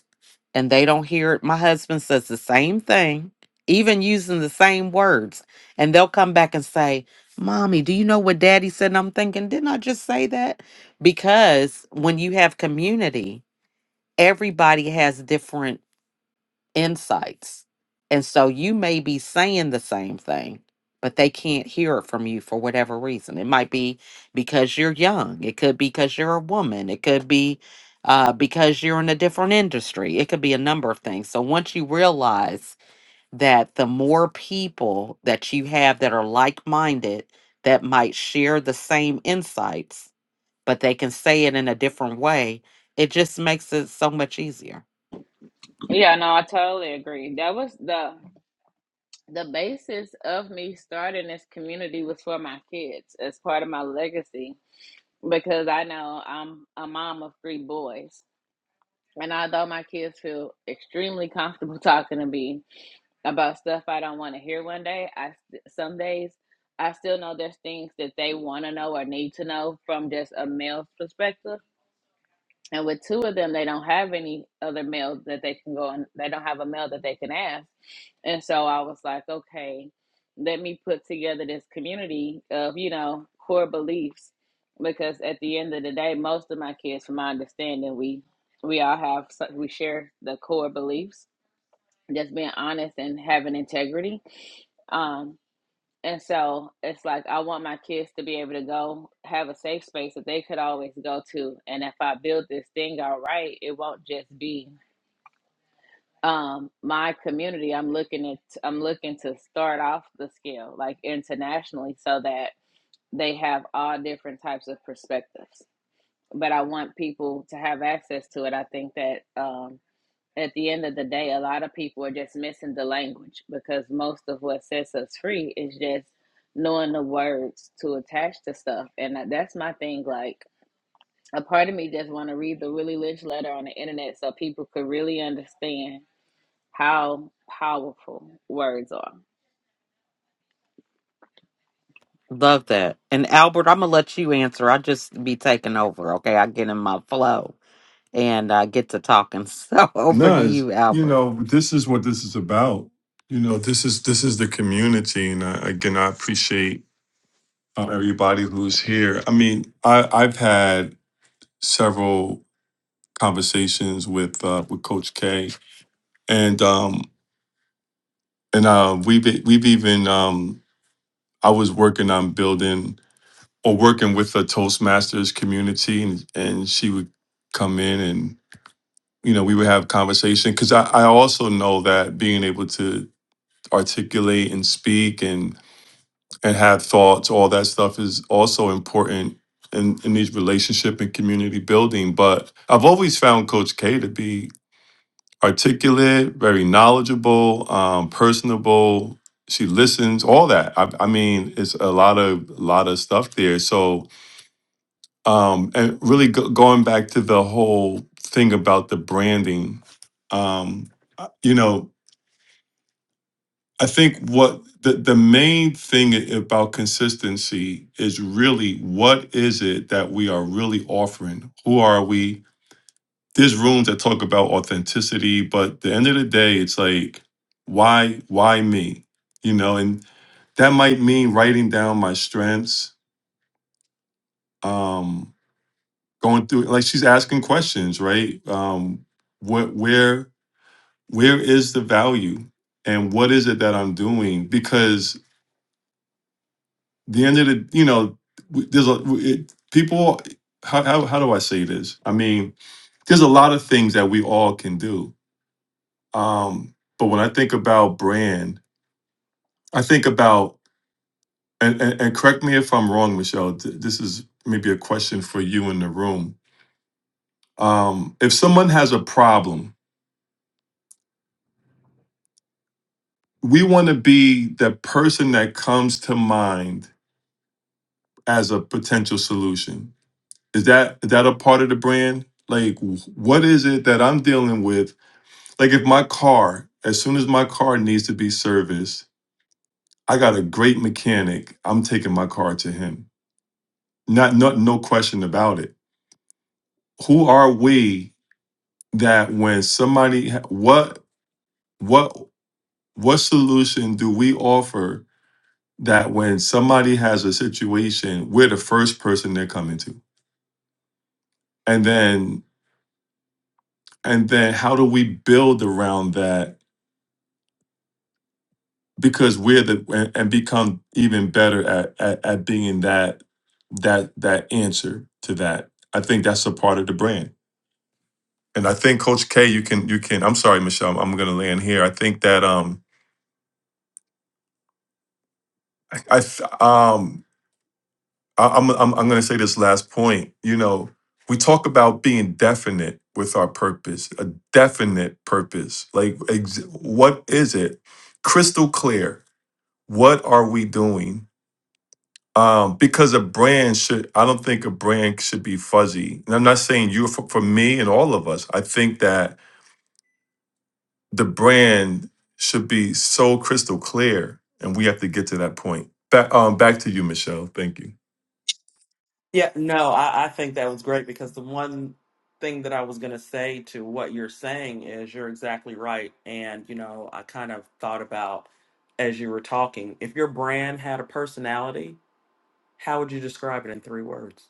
and they don't hear it. My husband says the same thing, even using the same words. And they'll come back and say, Mommy, do you know what daddy said? And I'm thinking, didn't I just say that? Because when you have community, everybody has different insights. And so you may be saying the same thing, but they can't hear it from you for whatever reason. It might be because you're young, it could be because you're a woman, it could be uh, because you're in a different industry, it could be a number of things. So once you realize that the more people that you have that are like minded that might share the same insights, but they can say it in a different way, it just makes it so much easier. Yeah, no, I totally agree. That was the the basis of me starting this community was for my kids as part of my legacy because I know I'm a mom of three boys. And although my kids feel extremely comfortable talking to me about stuff I don't want to hear one day, I some days I still know there's things that they want to know or need to know from just a male's perspective. And with two of them, they don't have any other male that they can go and they don't have a male that they can ask. And so I was like, okay, let me put together this community of, you know, core beliefs. Because at the end of the day, most of my kids, from my understanding, we we all have so- we share the core beliefs, just being honest and having integrity. Um, and so it's like I want my kids to be able to go have a safe space that they could always go to. And if I build this thing all right, it won't just be um my community. I'm looking at I'm looking to start off the scale like internationally so that they have all different types of perspectives. But I want people to have access to it. I think that um at the end of the day, a lot of people are just missing the language because most of what sets us free is just knowing the words to attach to stuff. And that's my thing. Like, a part of me just want to read the Willie Lynch letter on the internet so people could really understand how powerful words are. Love that. And Albert, I'm gonna let you answer. I just be taking over, okay? I get in my flow and I get to talking. So over No, to it's, you, you Albert. know, this is what this is about. You know, this is this is the community, and I, again, I appreciate uh, everybody who's here. I mean, I, I've had several conversations with uh, with Coach K, and um, and uh, we've e- we've even um, I was working on building or working with the Toastmasters community, and and she would come in and you know we would have conversation because I, I also know that being able to articulate and speak and and have thoughts, all that stuff is also important in, in these relationship and community building. But I've always found Coach K to be articulate, very knowledgeable, um, personable. She listens, all that. I, I mean, it's a lot of lot of stuff there. So, um, and really go, going back to the whole thing about the branding, um, you know, I think what the, the main thing about consistency is really what is it that we are really offering? Who are we? There's rooms that talk about authenticity, but at the end of the day, it's like, why, why me? You know, and that might mean writing down my strengths, um, going through like she's asking questions, right? Um, what where where is the value and what is it that I'm doing? Because the end of the you know w- there's a w- it, people how, how how do i say this i mean there's a lot of things that we all can do um but when i think about brand i think about and and, and correct me if i'm wrong michelle th- this is maybe a question for you in the room um if someone has a problem we want to be the person that comes to mind as a potential solution is that is that a part of the brand like wh- what is it that i'm dealing with Like if my car, as soon as my car needs to be serviced, I got a great mechanic. I'm taking my car to him. Not not no question about it. Who are we that when somebody ha- what what what solution do we offer that when somebody has a situation, we're the first person they're coming to? And then and then how do we build around that because we're the and, and become even better at, at at being that that that answer to that. I think that's a part of the brand. And I think Coach K, you can you can. I'm sorry, Michelle. I'm, going to land here. I think that um I, I th- um I, I'm I'm, I'm going to say this last point. You know, we talk about being definite with our purpose, a definite purpose. Like, ex- what is it? Crystal clear. What are we doing? Um, because a brand should, I don't think a brand should be fuzzy. And I'm not saying you, for, for me and all of us, I think that the brand should be so crystal clear, and we have to get to that point. Back, um, back to you, Michelle. Thank you. Yeah, no, I, I think that was great because the one thing that I was going to say to what you're saying is you're exactly right. And, you know, I kind of thought about as you were talking, if your brand had a personality, how would you describe it in three words?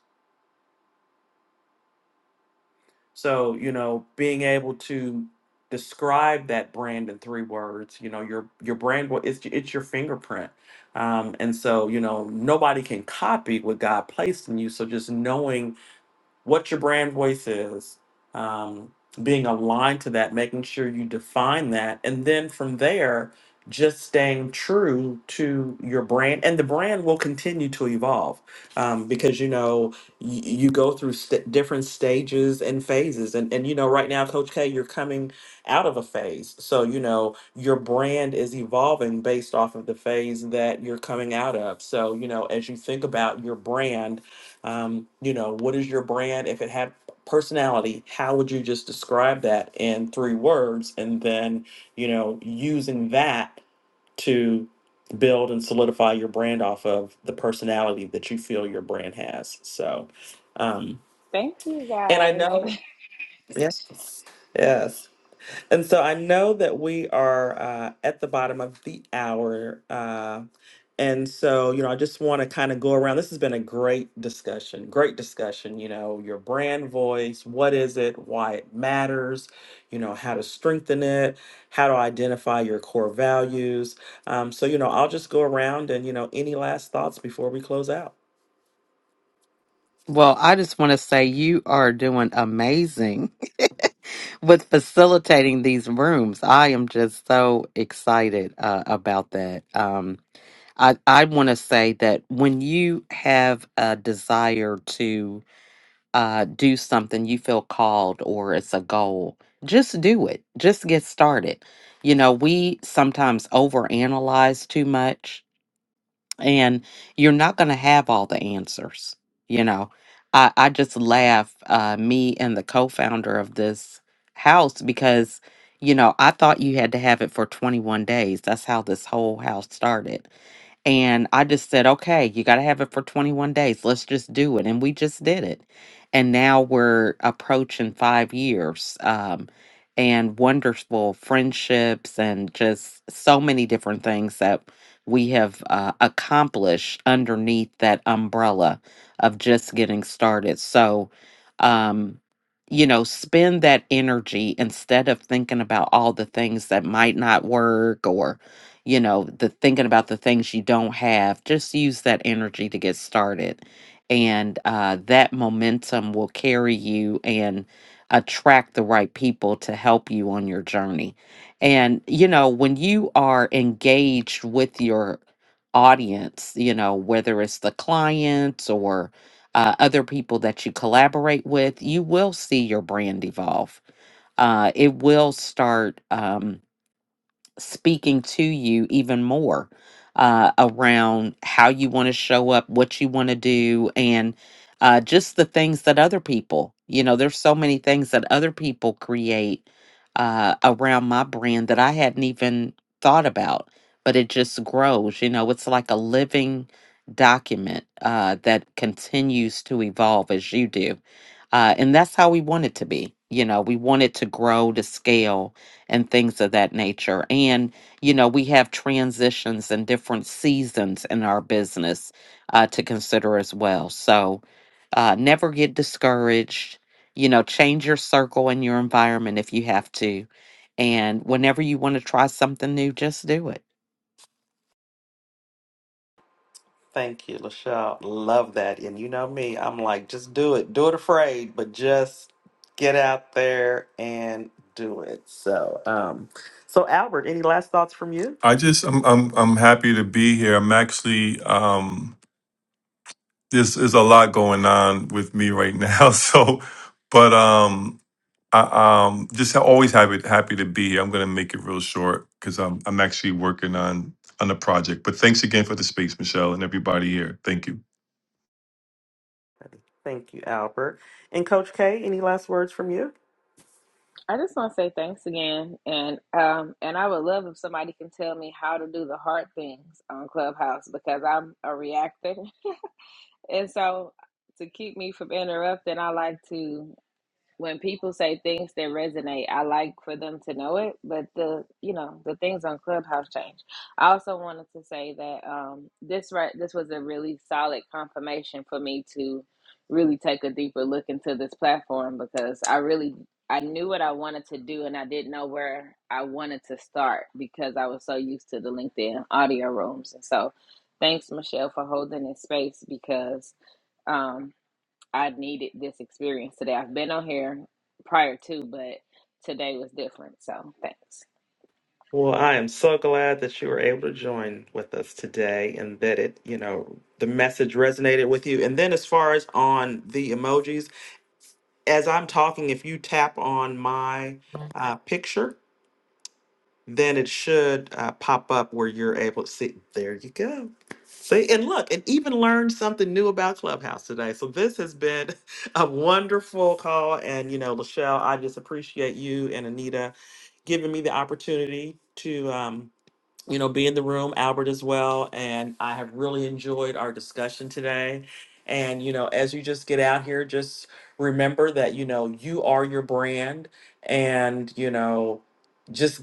So, you know, being able to describe that brand in three words, you know, your your brand wa- it's it's your fingerprint. Um, and so, you know, nobody can copy what God placed in you. So just knowing what your brand voice is, um, being aligned to that, making sure you define that. And then from there, just staying true to your brand. And the brand will continue to evolve um, because, you know, you, you go through st- different stages and phases. And, and, you know, right now, Coach K, you're coming out of a phase. So, you know, your brand is evolving based off of the phase that you're coming out of. So, you know, as you think about your brand, um, you know, what is your brand? If it had personality, how would you just describe that in three words? And then, you know, using that to build and solidify your brand off of the personality that you feel your brand has. So, um, Thank you and I guys. know, yes, yes. And so I know that we are uh, at the bottom of the hour. Uh, and so, you know, I just want to kind of go around. This has been a great discussion, great discussion. You know, your brand voice, what is it, why it matters, you know, how to strengthen it, how to identify your core values. Um, so, you know, I'll just go around and, you know, any last thoughts before we close out? Well, I just want to say you are doing amazing with facilitating these rooms. I am just so excited uh, about that. Um, I I want to say that when you have a desire to uh, do something you feel called or it's a goal, just do it. Just get started. You know, we sometimes overanalyze too much, and you're not going to have all the answers. You know, I, I just laugh, uh, me and the co founder of this house, because, you know, I thought you had to have it for 21 days. That's how this whole house started and I just said, okay, you got to have it for 21 days. Let's just do it. And we just did it. And now we're approaching five years um, and wonderful friendships and just so many different things that we have uh, accomplished underneath that umbrella of just getting started. So, um, you know, spend that energy instead of thinking about all the things that might not work you know, the thinking about the things you don't have, just use that energy to get started. And uh, that momentum will carry you and attract the right people to help you on your journey. And, you know, when you are engaged with your audience, you know, whether it's the clients or uh, other people that you collaborate with, you will see your brand evolve. Uh, it will start. Um, speaking to you even more uh, around how you want to show up, what you want to do, and uh, just the things that other people, you know, there's so many things that other people create uh, around my brand that I hadn't even thought about, but it just grows. You know, it's like a living document uh, that continues to evolve as you do. Uh, and that's how we want it to be. You know, we want it to grow to scale and things of that nature. And, you know, we have transitions and different seasons in our business uh, to consider as well. So uh, never get discouraged. You know, change your circle and your environment if you have to. And whenever you want to try something new, just do it. Thank you, Lachelle. Love that. And you know me, I'm like, just do it. Do it afraid, but just get out there and do it. So, um, so Albert, any last thoughts from you? I just, I'm, I'm, I'm happy to be here. I'm actually, um, there's there's a lot going on with me right now. So, but um, I um just always happy happy to be here. I'm gonna make it real short because I'm I'm actually working on on a project. But thanks again for the space, Michelle, and everybody here. Thank you. Thank you, Albert. And Coach K, any last words from you? I just want to say thanks again, and um, and I would love if somebody can tell me how to do the hard things on Clubhouse because I'm a reactor, and so to keep me from interrupting, I like to when people say things that resonate, I like for them to know it. But the you know the things on Clubhouse change. I also wanted to say that um, this right this was a really solid confirmation for me to really take a deeper look into this platform because I really I knew what I wanted to do and I didn't know where I wanted to start because I was so used to the LinkedIn audio rooms and so thanks Michelle for holding this space because. um, I needed this experience today. I've been on here prior to, but today was different. So thanks. Well, I am so glad that you were able to join with us today and that it, you know, the message resonated with you. And then as far as on the emojis, as I'm talking, if you tap on my uh, picture, then it should uh, pop up where you're able to see. There you go. See, and look, and even learned something new about Clubhouse today. So this has been a wonderful call. And, you know, Lachelle, I just appreciate you and Anita giving me the opportunity to. um, you know, be in the room, Albert as well. And I have really enjoyed our discussion today. And, you know, as you just get out here, just remember that, you know, you are your brand and, you know, just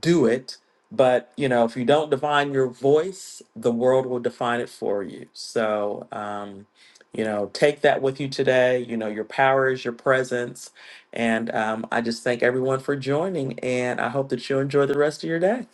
do it. But, you know, if you don't define your voice, the world will define it for you. So, um, you know, take that with you today. You know, your power is your presence. And um, I just thank everyone for joining. And I hope that you enjoy the rest of your day.